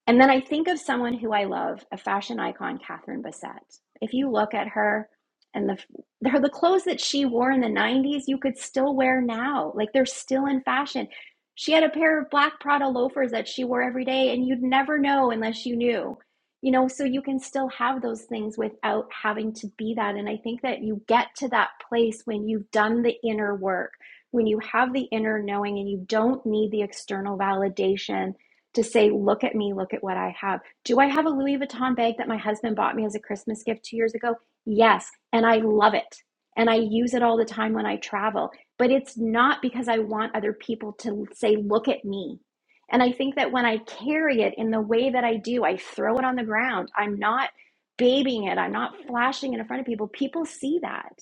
S4: and then I think of someone who I love, a fashion icon, Catherine Bassett. If you look at her and the her the clothes that she wore in the 90s, you could still wear now. Like they're still in fashion. She had a pair of black Prada loafers that she wore every day, and you'd never know unless you knew. You know, so you can still have those things without having to be that. And I think that you get to that place when you've done the inner work, when you have the inner knowing and you don't need the external validation to say, look at me, look at what I have. Do I have a Louis Vuitton bag that my husband bought me as a Christmas gift two years ago? Yes. And I love it. And I use it all the time when I travel. But it's not because I want other people to say, look at me. And I think that when I carry it in the way that I do, I throw it on the ground. I'm not babying it, I'm not flashing it in front of people. People see that.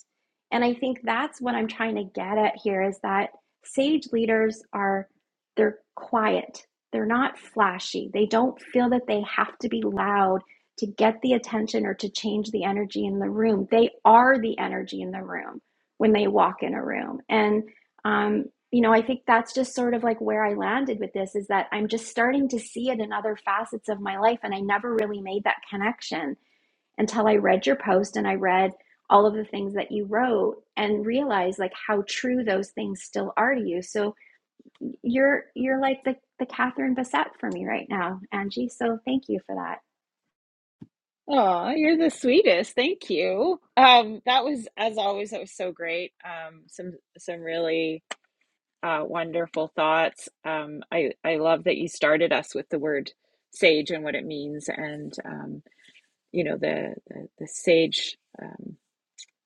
S4: And I think that's what I'm trying to get at here is that sage leaders are they're quiet they're not flashy. They don't feel that they have to be loud to get the attention or to change the energy in the room. They are the energy in the room when they walk in a room. And, um, you know, I think that's just sort of like where I landed with this is that I'm just starting to see it in other facets of my life. And I never really made that connection until I read your post and I read all of the things that you wrote and realized like how true those things still are to you. So, you're you're like the the Catherine Bassett for me right now, Angie. So thank you for that.
S1: Oh, you're the sweetest. Thank you. Um, that was, as always, that was so great. Um, some some really uh, wonderful thoughts. Um, I I love that you started us with the word sage and what it means, and um, you know the the, the sage um,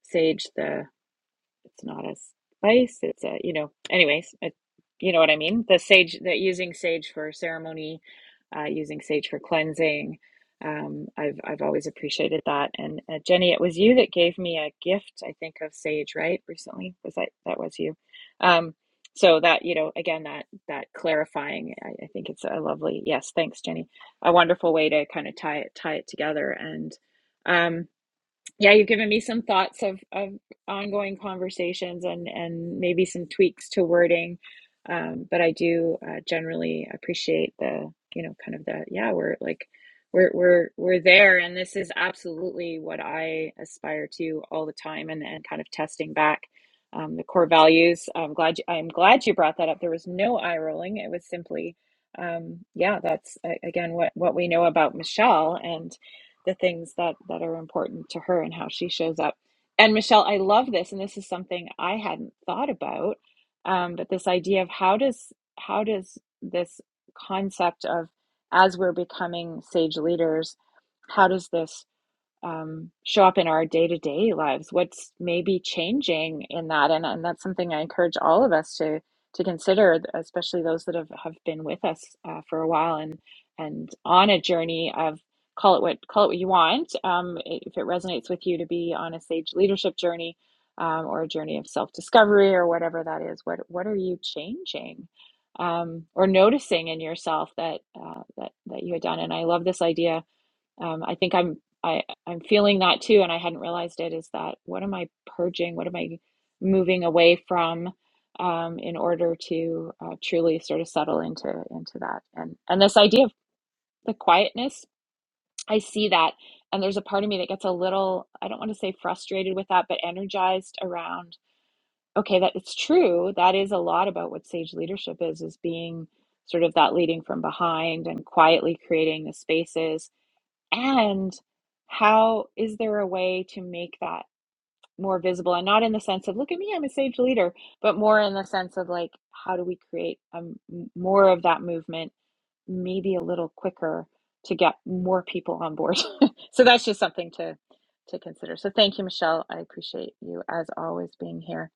S1: sage the it's not a spice. It's a, you know, anyways, it, you know what I mean? The sage, that using sage for ceremony, uh, using sage for cleansing. Um, I've I've always appreciated that. And uh, Jenny, it was you that gave me a gift, I think, of sage, right? Recently, was that that was you? Um, so that, you know, again, that that clarifying, I, I think it's a lovely, yes, thanks, Jenny. A wonderful way to kind of tie it tie it together and. um yeah you've given me some thoughts of, of ongoing conversations and and maybe some tweaks to wording um, but i do uh, generally appreciate the you know kind of the yeah we're like we're we're we're there and this is absolutely what i aspire to all the time and and kind of testing back um, the core values i'm glad you, i'm glad you brought that up there was no eye rolling it was simply um, yeah that's uh, again what what we know about michelle and the things that that are important to her and how she shows up and michelle i love this and this is something i hadn't thought about um, but this idea of how does how does this concept of as we're becoming sage leaders how does this um, show up in our day-to-day lives what's maybe changing in that and, and that's something i encourage all of us to to consider especially those that have, have been with us uh, for a while and and on a journey of call it what call it what you want um, if it resonates with you to be on a sage leadership journey um, or a journey of self-discovery or whatever that is what what are you changing um, or noticing in yourself that uh, that that you had done and i love this idea um, I think I'm I I'm feeling that too, and I hadn't realized it. Is that what am I purging? What am I moving away from um, in order to uh, truly sort of settle into into that? And and this idea of the quietness, I see that, and there's a part of me that gets a little I don't want to say frustrated with that, but energized around. Okay, that it's true. That is a lot about what sage leadership is: is being sort of that leading from behind and quietly creating the spaces and how is there a way to make that more visible? And not in the sense of, look at me, I'm a sage leader, but more in the sense of like, how do we create um, more of that movement, maybe a little quicker to get more people on board? so that's just something to to consider. So thank you, Michelle. I appreciate you as always being here.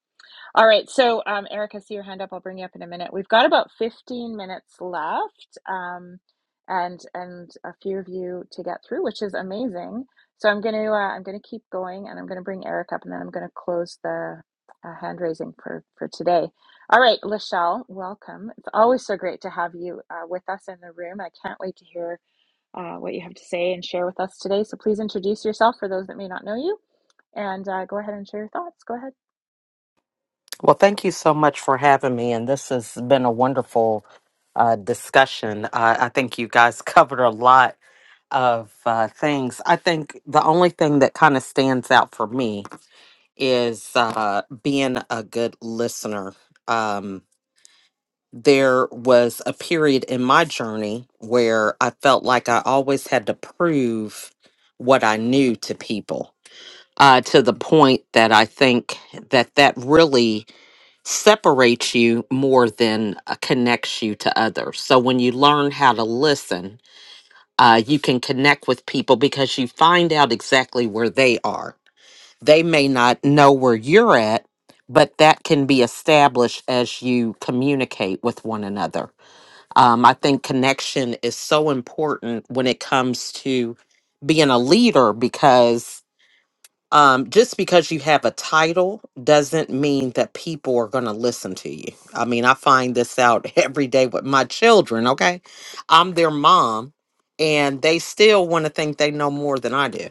S1: All right, so um, Eric, I see your hand up. I'll bring you up in a minute. We've got about 15 minutes left, um, and and a few of you to get through, which is amazing. So I'm gonna uh, I'm gonna keep going, and I'm gonna bring Eric up, and then I'm gonna close the uh, hand raising for for today. All right, Lachelle, welcome. It's always so great to have you uh, with us in the room. I can't wait to hear uh, what you have to say and share with us today. So please introduce yourself for those that may not know you, and uh, go ahead and share your thoughts. Go ahead.
S5: Well, thank you so much for having me. And this has been a wonderful uh, discussion. Uh, I think you guys covered a lot of uh, things. I think the only thing that kind of stands out for me is uh, being a good listener. Um, there was a period in my journey where I felt like I always had to prove what I knew to people uh, to the point that I think that that really separates you more than uh, connects you to others. So when you learn how to listen, uh, you can connect with people because you find out exactly where they are. They may not know where you're at, but that can be established as you communicate with one another. Um, I think connection is so important when it comes to being a leader because um, just because you have a title doesn't mean that people are going to listen to you. I mean, I find this out every day with my children, okay? I'm their mom, and they still want to think they know more than I do.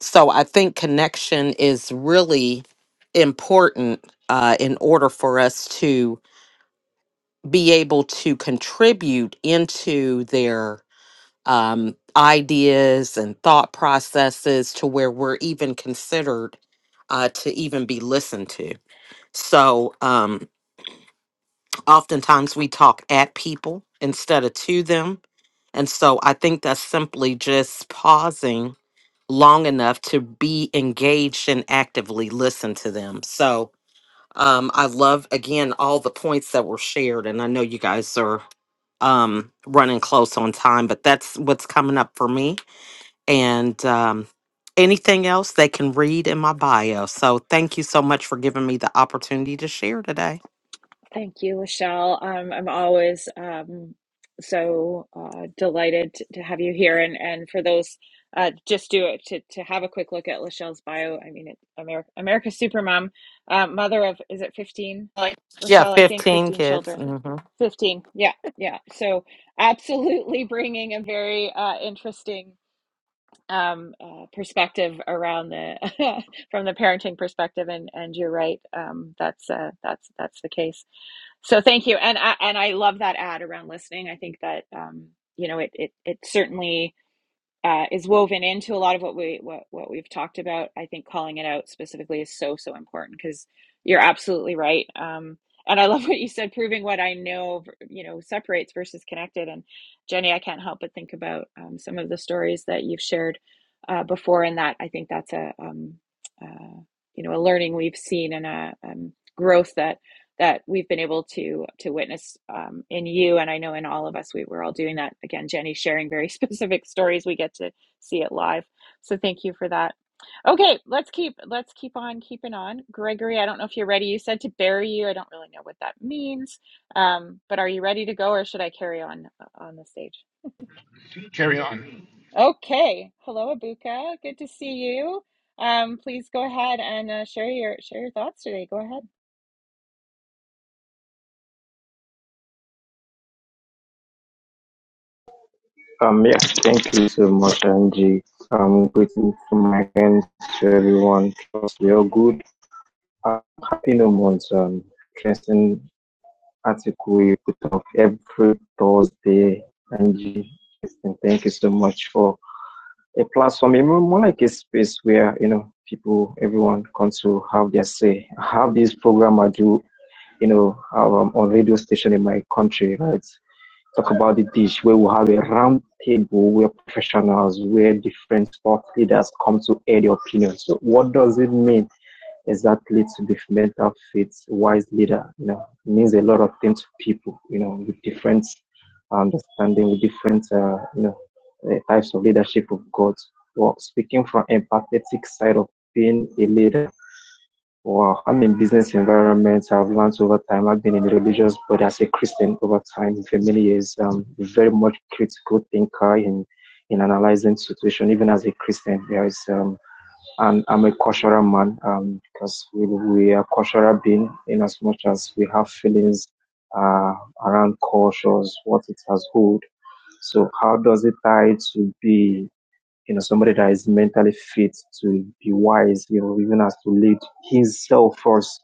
S5: So I think connection is really important uh, in order for us to be able to contribute into their um, ideas and thought processes to where we're even considered uh, to even be listened to. So um, oftentimes we talk at people instead of to them. And so I think that's simply just pausing long enough to be engaged and actively listen to them. So um, I love, again, all the points that were shared. And I know you guys are um, running close on time, but that's what's coming up for me and um, anything else they can read in my bio. So thank you so much for giving me the opportunity to share today.
S1: Thank you, Lachelle. Um, I'm always um, so uh, delighted t- to have you here. And, and for those, uh, just do it to, to have a quick look at Lachelle's bio. I mean, it, America, America's Supermom, uh, mother of, is it 15?
S5: Like Yeah,
S1: Lachelle, I think
S5: 15
S1: 15
S5: kids.
S1: children.
S5: hmm
S1: 15. Yeah, yeah. So absolutely bringing a very uh, interesting um, uh, perspective around the from the parenting perspective and and you're right um, that's uh, that's that's the case so thank you, and I, and I love that ad around listening. I think that um, you know it it it certainly uh, is woven into a lot of what we what what we've talked about. I think calling it out specifically is so so important because you're absolutely right. Um, and I love what you said, proving what I know, you know, separates versus connected. And Jenny, I can't help but think about um, some of the stories that you've shared uh, before, and that I think that's a um, uh, you know a learning we've seen and a um, growth that that we've been able to to witness um, in you and i know in all of us we were all doing that again jenny sharing very specific stories we get to see it live so thank you for that okay let's keep let's keep on keeping on gregory i don't know if you're ready you said to bury you i don't really know what that means um, but are you ready to go or should i carry on uh, on the stage
S6: Carry on.
S1: okay hello abuka good to see you um, please go ahead and uh, share your share your thoughts today go ahead
S7: Um, yeah, thank you so much, Angie. Um, greetings to my friends, to everyone. Trust you're good. I'm happy no months. Um, interesting article you put up every Thursday, Angie. And thank you so much for a platform, a more more like a space where you know people, everyone comes to have their say. I have this program I do, you know, um, on radio station in my country, right? talk about the dish where we'll have a round table where professionals, where different sport leaders come to air their opinions. So what does it mean exactly to be mental fit, wise leader? You know, it means a lot of things to people, you know, with different understanding, with different, uh, you know, uh, types of leadership of God. Well, speaking from empathetic side of being a leader, Wow, I'm in business environments. I've learned over time. I've been in religious, but as a Christian over time for many years, um, very much critical thinker in in analyzing situation. Even as a Christian, there is um, and I'm a cultural man um, because we we are cultural being in as much as we have feelings uh, around cultures, what it has hold. So how does it tie to be you know, somebody that is mentally fit to be wise, you know, even as to lead himself first.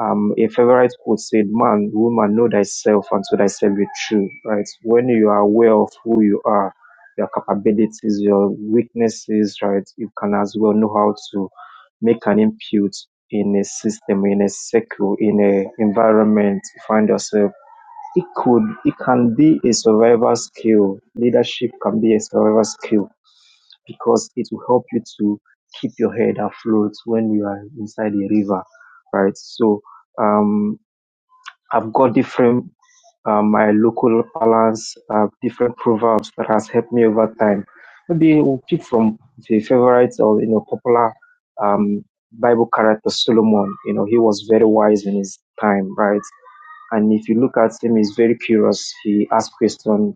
S7: Um, a favorite quote said, Man, woman, know thyself and to thyself be true, right? When you are aware of who you are, your capabilities, your weaknesses, right, you can as well know how to make an input in a system, in a circle, in a environment you find yourself. It could, it can be a survival skill. Leadership can be a survival skill because it will help you to keep your head afloat when you are inside the river, right? So um, I've got different uh, my local balance, uh, different proverbs that has helped me over time. Maybe we'll pick from the favorites or you know popular um, Bible character Solomon. You know he was very wise in his time, right? And if you look at him, he's very curious. He asks questions,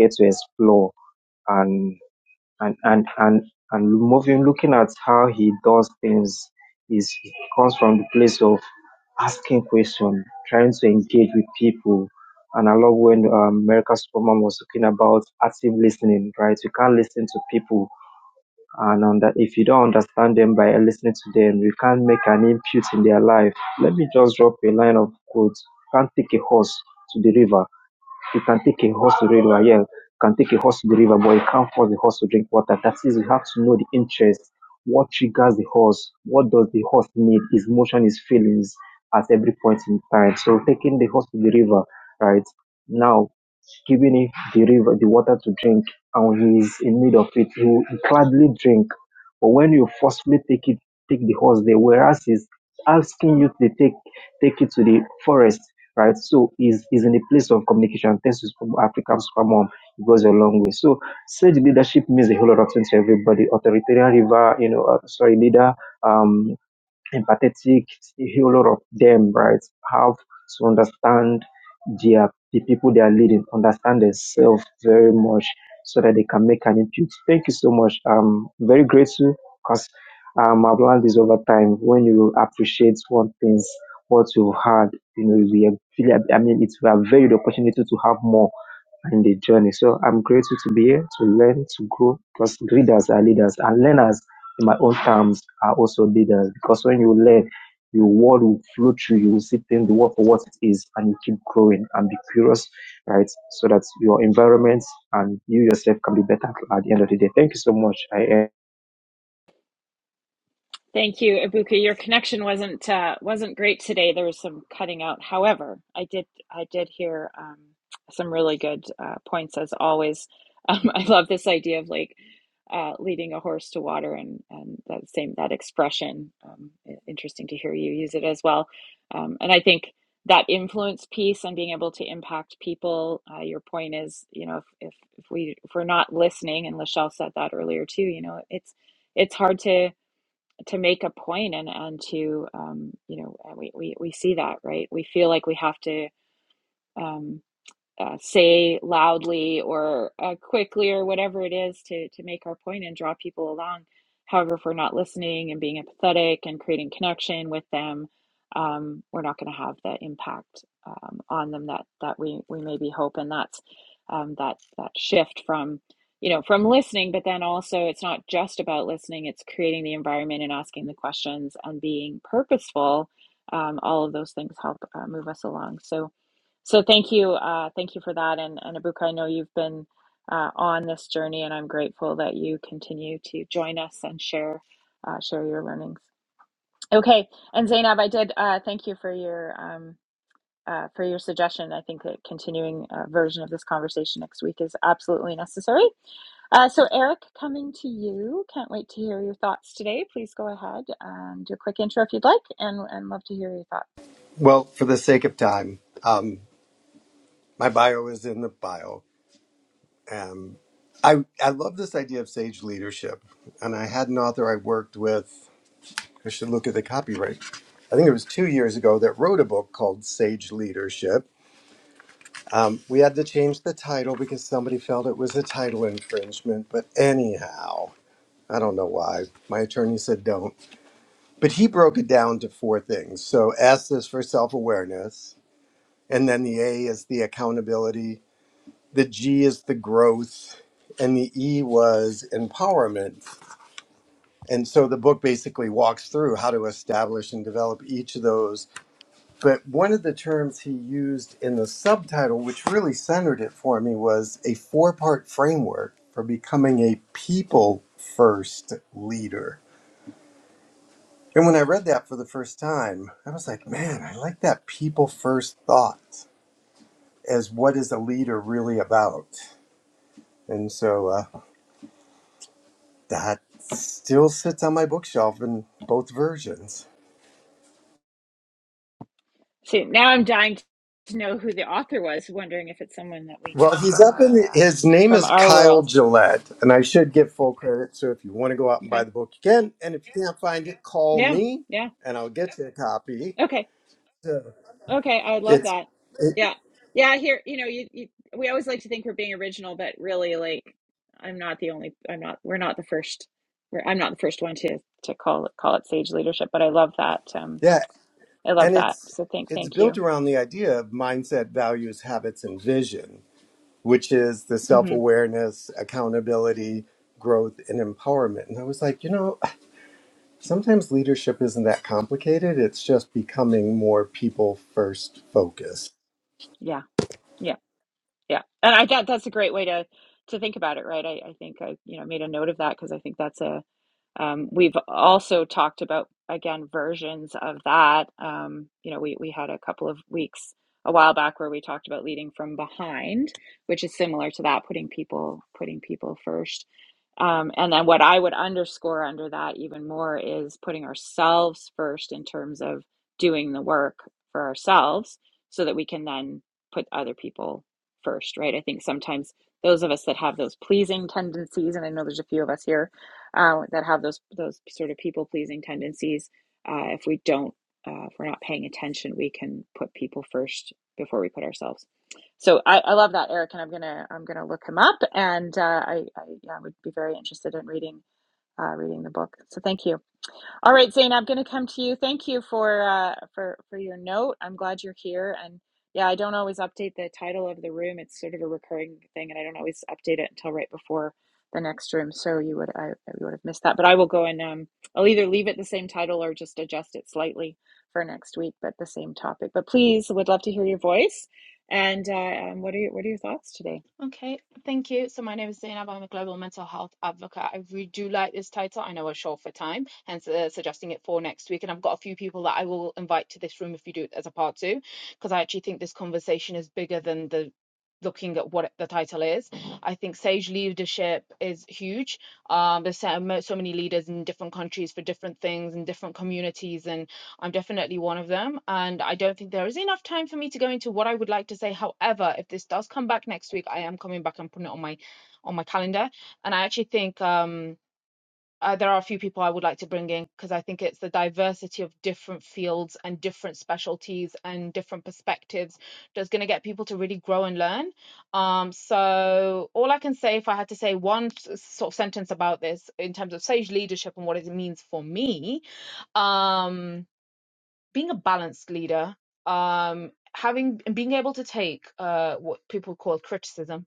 S7: get to explore, and and and and and moving looking at how he does things is he comes from the place of asking questions trying to engage with people and i love when um, america superman was talking about active listening right you can't listen to people and on that if you don't understand them by listening to them you can't make an input in their life let me just drop a line of quotes can't take a horse to the river you can take a horse to the river, yeah, you can take a horse to the river, but you can't force the horse to drink water. That is, you have to know the interest. What triggers the horse? What does the horse need? His motion, his feelings at every point in time. So taking the horse to the river, right? Now giving him the river, the water to drink, and when he is in need of it, he will gladly drink. But when you forcefully take it, take the horse there, whereas he's asking you to take take it to the forest, right? So is is in the place of communication. Thanks to Super- African Super Mom, it goes a long way. So sage leadership means a whole lot of things to everybody. Authoritarian river, you know, uh, sorry, leader. Um empathetic a whole lot of them right have to understand their the people they are leading understand themselves very much so that they can make an impact thank you so much i'm very grateful because um, i've learned this over time when you appreciate one things what you've had you know we are really, i mean it's we have valued the opportunity to have more and the journey. So I'm grateful to be here to learn, to grow, because readers are leaders and learners in my own terms are also leaders because when you learn, your world will flow through, you will see things, the world for what it is, and you keep growing and be curious, right? So that your environment and you yourself can be better at the end of the day. Thank you so much. I
S1: Thank you, Ibuka. Your connection wasn't uh, wasn't great today. There was some cutting out. However, I did I did hear um, some really good uh, points as always. Um, I love this idea of like uh, leading a horse to water, and and that same that expression. Um, i- interesting to hear you use it as well. Um, and I think that influence piece and being able to impact people. Uh, your point is, you know, if, if if we if we're not listening, and Lachelle said that earlier too. You know, it's it's hard to to make a point and and to um, you know we, we we see that right we feel like we have to um, uh, say loudly or uh, quickly or whatever it is to to make our point and draw people along. However, if we're not listening and being empathetic and creating connection with them, um, we're not going to have the impact um, on them that that we we maybe hope. And that's um, that that shift from you know from listening, but then also it's not just about listening. It's creating the environment and asking the questions and being purposeful. Um, all of those things help uh, move us along. So so thank you, uh, thank you for that. And and Abuka, I know you've been uh, on this journey, and I'm grateful that you continue to join us and share uh, share your learnings. Okay, and Zainab, I did uh, thank you for your um, uh, for your suggestion. I think that continuing a version of this conversation next week is absolutely necessary. Uh, so, Eric, coming to you. Can't wait to hear your thoughts today. Please go ahead and do a quick intro if you'd like, and, and love to hear your thoughts.
S8: Well, for the sake of time, um, my bio is in the bio. Um, I I love this idea of sage leadership, and I had an author I worked with. I should look at the copyright. I think it was two years ago that wrote a book called Sage Leadership. Um, we had to change the title because somebody felt it was a title infringement. But anyhow, I don't know why. My attorney said don't. But he broke it down to four things. So S is for self awareness, and then the A is the accountability the G is the growth, and the E was empowerment. And so the book basically walks through how to establish and develop each of those. But one of the terms he used in the subtitle, which really centered it for me, was a four part framework for becoming a people first leader. And when I read that for the first time, I was like, man, I like that people first thought as what is a leader really about. And so, uh, That still sits on my bookshelf in both versions.
S1: So, now I'm dying to know who the author was, wondering if it's someone that we
S8: Well,
S1: know
S8: he's
S1: from
S8: up in the,
S1: our uh,
S8: his name
S1: from
S8: is
S1: our
S8: Kyle
S1: world.
S8: Gillette, and I should get full credit. So if you want to go out and buy
S1: Okay.
S8: the book, you can. And if you can't find it, call
S1: Yeah.
S8: me
S1: Yeah.
S8: and I'll get you a copy.
S1: Okay.
S8: So
S1: Okay, I would love
S8: it's,
S1: that.
S8: it,
S1: Yeah. Yeah, here, you know, you, you we always like to think we're being original, but really like I'm not the only I'm not we're not the first we're I'm not the first one to to call it call it sage leadership, but I love that. Um
S8: yeah,
S1: I
S8: and
S1: love that.
S8: it's,
S1: So thank
S8: it's
S1: thank
S8: built
S1: you.
S8: around the idea of mindset, values, habits, and vision, which is the self
S1: hmm
S8: awareness, accountability, growth, and empowerment. And I was like, you know, sometimes leadership isn't that complicated. It's just becoming more people first focused.
S1: Yeah. Yeah. Yeah. And I that that's a great way to to think about it, right? I, I think I, you know, made a note of that because I think that's a Um, we've also talked about, again, versions of that. Um, you know, we, we had a couple of weeks a while back where we talked about leading from behind, which is similar to that, putting people putting people first. Um, and then what I would underscore under that even more is putting ourselves first in terms of doing the work for ourselves so that we can then put other people first, right? I think sometimes those of us that have those pleasing tendencies, and I know there's a few of us here, uh, that have those those sort of people pleasing tendencies. Uh, if we don't, uh, if we're not paying attention, we can put people first before we put ourselves. So I, I love that, Eric, and I'm gonna I'm gonna look him up, and uh, I, I yeah, would be very interested in reading uh, reading the book. So thank you. All right, Zane, I'm going to come to you. Thank you for uh, for for your note. I'm glad you're here. And yeah, I don't always update the title of the room. It's sort of a recurring thing, and I don't always update it until right before the next room. So you would I, I would have missed that. But I will go and um, I'll either leave it the same title or just adjust it slightly for next week, but the same topic. But please, would love to hear your voice. And uh, um, what are your, what are your thoughts today?
S9: Okay, thank you. So my name is Zainab. I'm a global mental health advocate. I really do like this title. I know we're short for time, hence uh, suggesting it for next week. And I've got a few people that I will invite to this room if you do it as a part two, because I actually think this conversation is bigger than the looking at what the title is. I think sage leadership is huge. Um, there's so mo- so many leaders in different countries for different things and different communities, and I'm definitely one of them. And I don't think there is enough time for me to go into what I would like to say. However, if this does come back next week, I am coming back and putting it on my on my calendar. And I actually think um uh, there are a few people I would like to bring in because I think it's the diversity of different fields and different specialties and different perspectives that's going to get people to really grow and learn. Um, so all I can say, if I had to say one s- sort of sentence about this in terms of sage leadership and what it means for me, um being a balanced leader, um, having and being able to take uh, what people call criticism,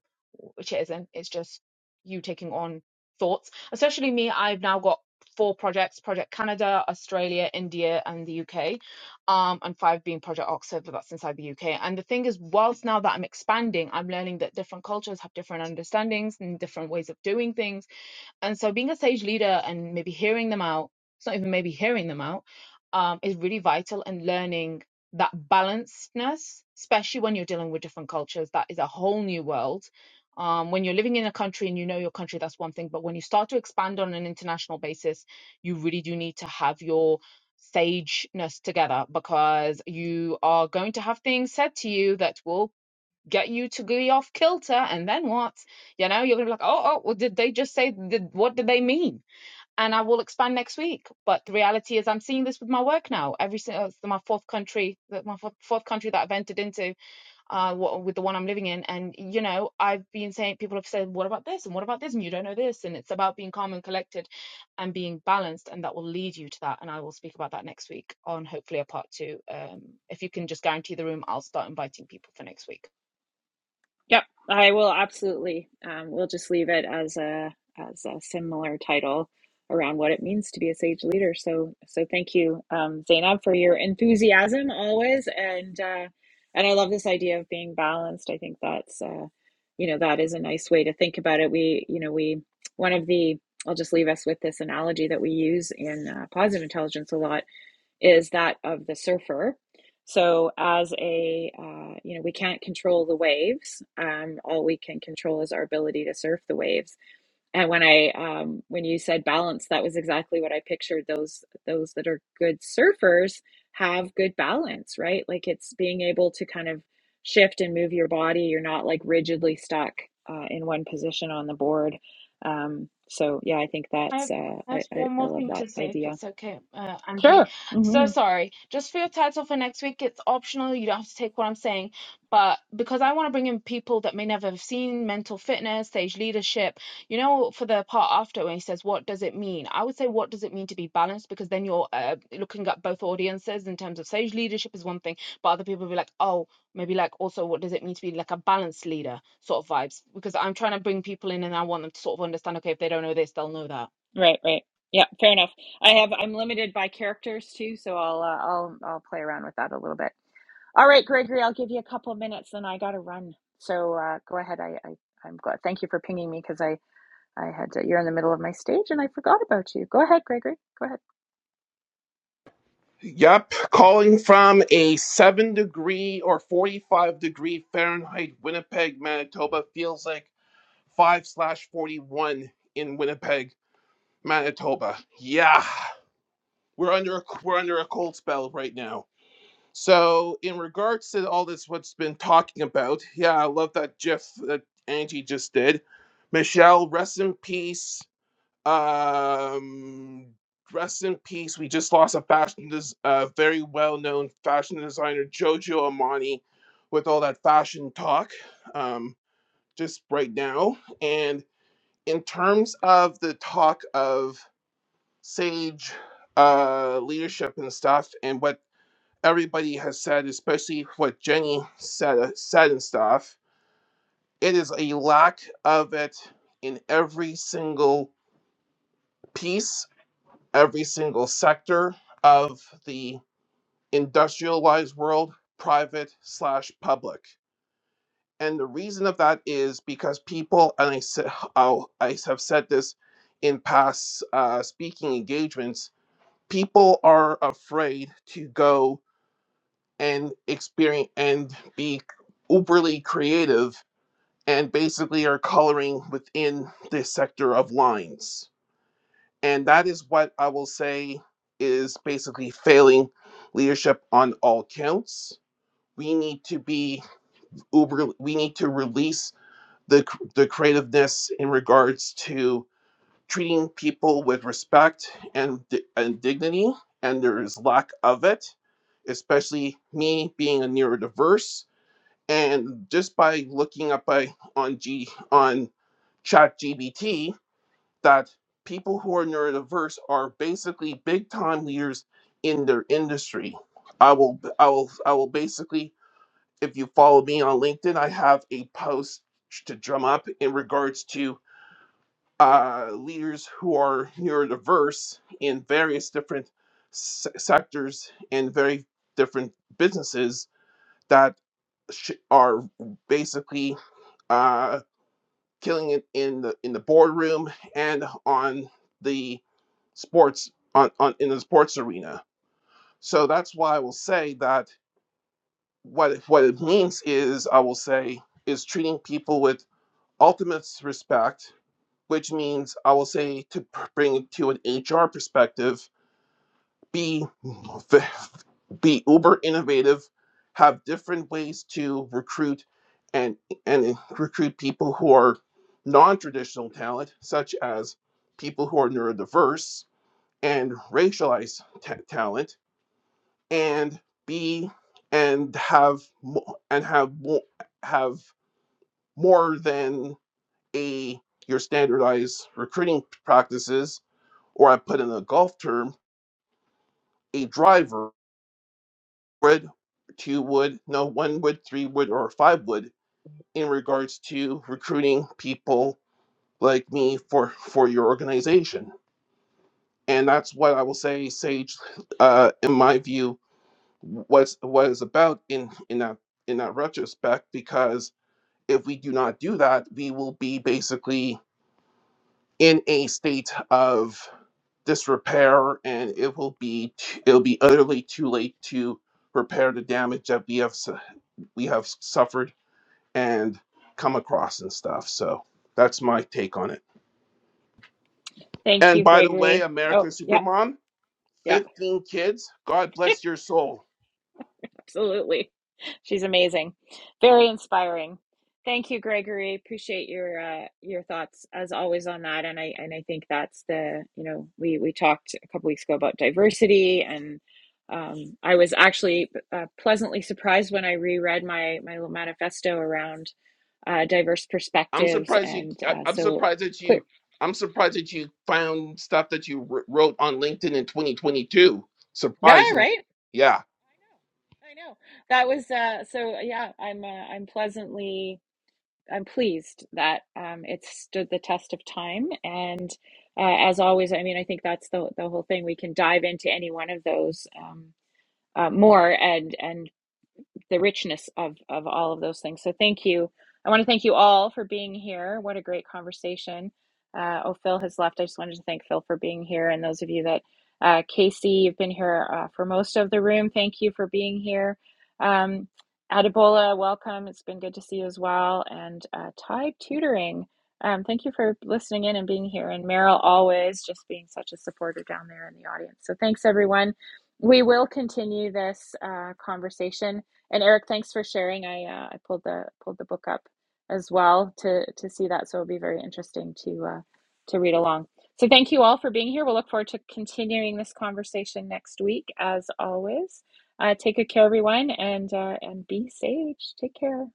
S9: which it isn't. It's just you taking on thoughts. Especially me, I've now got four projects: Project Canada, Australia, India, and the UK, um, and five being Project Oxford, but that's inside the UK. And the thing is, whilst now that I'm expanding, I'm learning that different cultures have different understandings and different ways of doing things and so being a sage leader and maybe hearing them out, it's not even maybe hearing them out, um, is really vital and learning that balancedness, especially when you're dealing with different cultures, that is a whole new world. Um, when you're living in a country and you know your country, that's one thing. But when you start to expand on an international basis, you really do need to have your sageness together because you are going to have things said to you that will get you to be off kilter and then what you know you're gonna be like oh oh well, did they just say did, what did they mean and i will expand next week but the reality is i'm seeing this with my work now every single it's my fourth country that my fourth country that i've entered into uh with the one i'm living in and you know i've been saying people have said what about this and what about this and you don't know this and it's about being calm and collected and being balanced and that will lead you to that and i will speak about that next week on hopefully a part two um if you can just guarantee the room i'll start inviting people for next week
S1: Yep, I will absolutely. Um, we'll just leave it as a as a similar title around what it means to be a sage leader. So so thank you, um, Zainab, for your enthusiasm always, and uh, and I love this idea of being balanced. I think that's uh, you know that is a nice way to think about it. We you know we one of the I'll just leave us with this analogy that we use in uh, positive intelligence a lot is that of the surfer. So, as a, uh, you know, we can't control the waves. Um, all we can control is our ability to surf the waves. And when I, um, when you said balance, that was exactly what I pictured. Those, those that are good surfers have good balance, right? Like it's being able to kind of shift and move your body. You're not like rigidly stuck uh, in one position on the board. Um, so yeah, I think
S9: I
S1: that's,
S9: have
S1: uh,
S9: I
S1: I,
S9: have
S1: I,
S9: one
S1: I
S9: more
S1: love
S9: thing
S1: that
S9: to say, if
S1: idea.
S9: it's okay, uh, Angie.
S1: Sure.
S9: So
S1: Mm-hmm.
S9: sorry. Just for your title for next week, it's optional. You don't have to take what I'm saying. But because I want to bring in people that may never have seen mental fitness, stage leadership, you know, for the part after when he says, what does it mean? I would say, what does it mean to be balanced? Because then you're uh, looking at both audiences in terms of stage leadership is one thing, but other people will be like, oh, maybe like also, what does it mean to be like a balanced leader sort of vibes? Because I'm trying to bring people in and I want them to sort of understand, okay, if they don't know this, they'll know that.
S1: Right, right. Yeah, fair enough. I have I'm limited by characters too, so I'll uh, I'll I'll play around with that a little bit. All right, Gregory, I'll give you a couple of minutes, then I gotta run. So uh, go ahead. I, I I'm glad. Thank you for pinging me because I I had to, you're in the middle of my stage and I forgot about you. Go ahead, Gregory. Go ahead.
S6: Yep, calling from a 7 degree or 45 degree Fahrenheit Winnipeg, Manitoba feels like 5 slash 41 in Winnipeg, Manitoba. Yeah, we're under a, we're under a cold spell right now. So, in regards to all this, what's been talking about, yeah, I love that GIF that Angie just did. Michelle, rest in peace. Um, rest in peace. We just lost a fashion, des- uh, very well-known fashion designer, Jojo Armani, with all that fashion talk. Um, just right now. And in terms of the talk of sage uh, leadership and stuff, and what everybody has said, especially what Jenny said uh, said and stuff, it is a lack of it in every single piece every single sector of the industrialized world, private slash public. And the reason of that is because people, and I, sa- i I have said this in past uh, speaking engagements, people are afraid to go and experience and be uberly creative and basically are coloring within the sector of lines And that is what I will say is basically failing leadership on all counts. We need to be uber, we need to release the, the creativeness in regards to treating people with respect and, and dignity, and there is lack of it, especially me being a neurodiverse. And just by looking up by, on G on ChatGPT, that people who are neurodiverse are basically big time leaders in their industry. I will I will I will basically if you follow me on LinkedIn, I have a post to drum up in regards to uh, leaders who are neurodiverse in various different se- sectors and very different businesses that sh- are basically uh, killing it in the in the boardroom and on the sports on, on in the sports arena. So that's why I will say that what what it means is I will say is treating people with ultimate respect, which means I will say to bring it to an HR perspective, be be uber innovative, have different ways to recruit and and recruit people who are non-traditional talent, such as people who are neurodiverse and racialized ta- talent and be and have mo- and have mo- have more than a your standardized recruiting practices or i put in a golf term a driver would two would no one would three would or five would in regards to recruiting people like me for for your organization and that's what i will say sage uh in my view was what is about in in that in that retrospect because if we do not do that, we will be basically in a state of disrepair, and it will be it'll be utterly too late to repair the damage that we have we have suffered and come across and stuff. So that's my take on it.
S1: Thank
S6: And
S1: you,
S6: by the way,
S1: Gregory. Oh,
S6: American
S1: yep,
S6: Supermom,
S1: yep.
S6: 15 kids. God bless your soul.
S1: Absolutely. She's amazing. Very inspiring. Thank you, Gregory. Appreciate your uh, your thoughts as always on that. And I and I think that's the, you know, we we talked a couple weeks ago about diversity and um, I was actually uh, pleasantly surprised when I reread my my little manifesto around uh, diverse
S6: I'm
S1: perspectives
S6: surprised you.
S1: and
S6: I,
S1: uh,
S6: I'm
S1: so
S6: surprised that
S1: clear.
S6: you. I'm surprised that you found stuff that you wr- wrote on LinkedIn in 2022.
S1: Yeah,
S6: Surprising.
S1: right.
S6: Yeah.
S1: I know. I know. That was uh, so yeah, I'm uh, I'm pleasantly I'm pleased that um, it's stood the test of time. And uh, as always, I mean, I think that's the the whole thing. We can dive into any one of those um, uh, more and and the richness of of all of those things. So thank you. I want to thank you all for being here. What a great conversation. Uh, oh, Phil has left. I just wanted to thank Phil for being here, and those of you that uh, Casey, you've been here uh, for most of the room. Thank you for being here. Um, Adebola, welcome. It's been good to see you as well. And uh, Ty Tutoring, um, thank you for listening in and being here. And Meryl, always just being such a supporter down there in the audience. So thanks, everyone. We will continue this uh, conversation. And Eric, thanks for sharing. I uh, I pulled the pulled the book up as well to to see that, so it'll be very interesting to uh, to read along. So thank you all for being here. We'll look forward to continuing this conversation next week, as always. Uh, take good care, everyone, and uh, and be sage. Take care.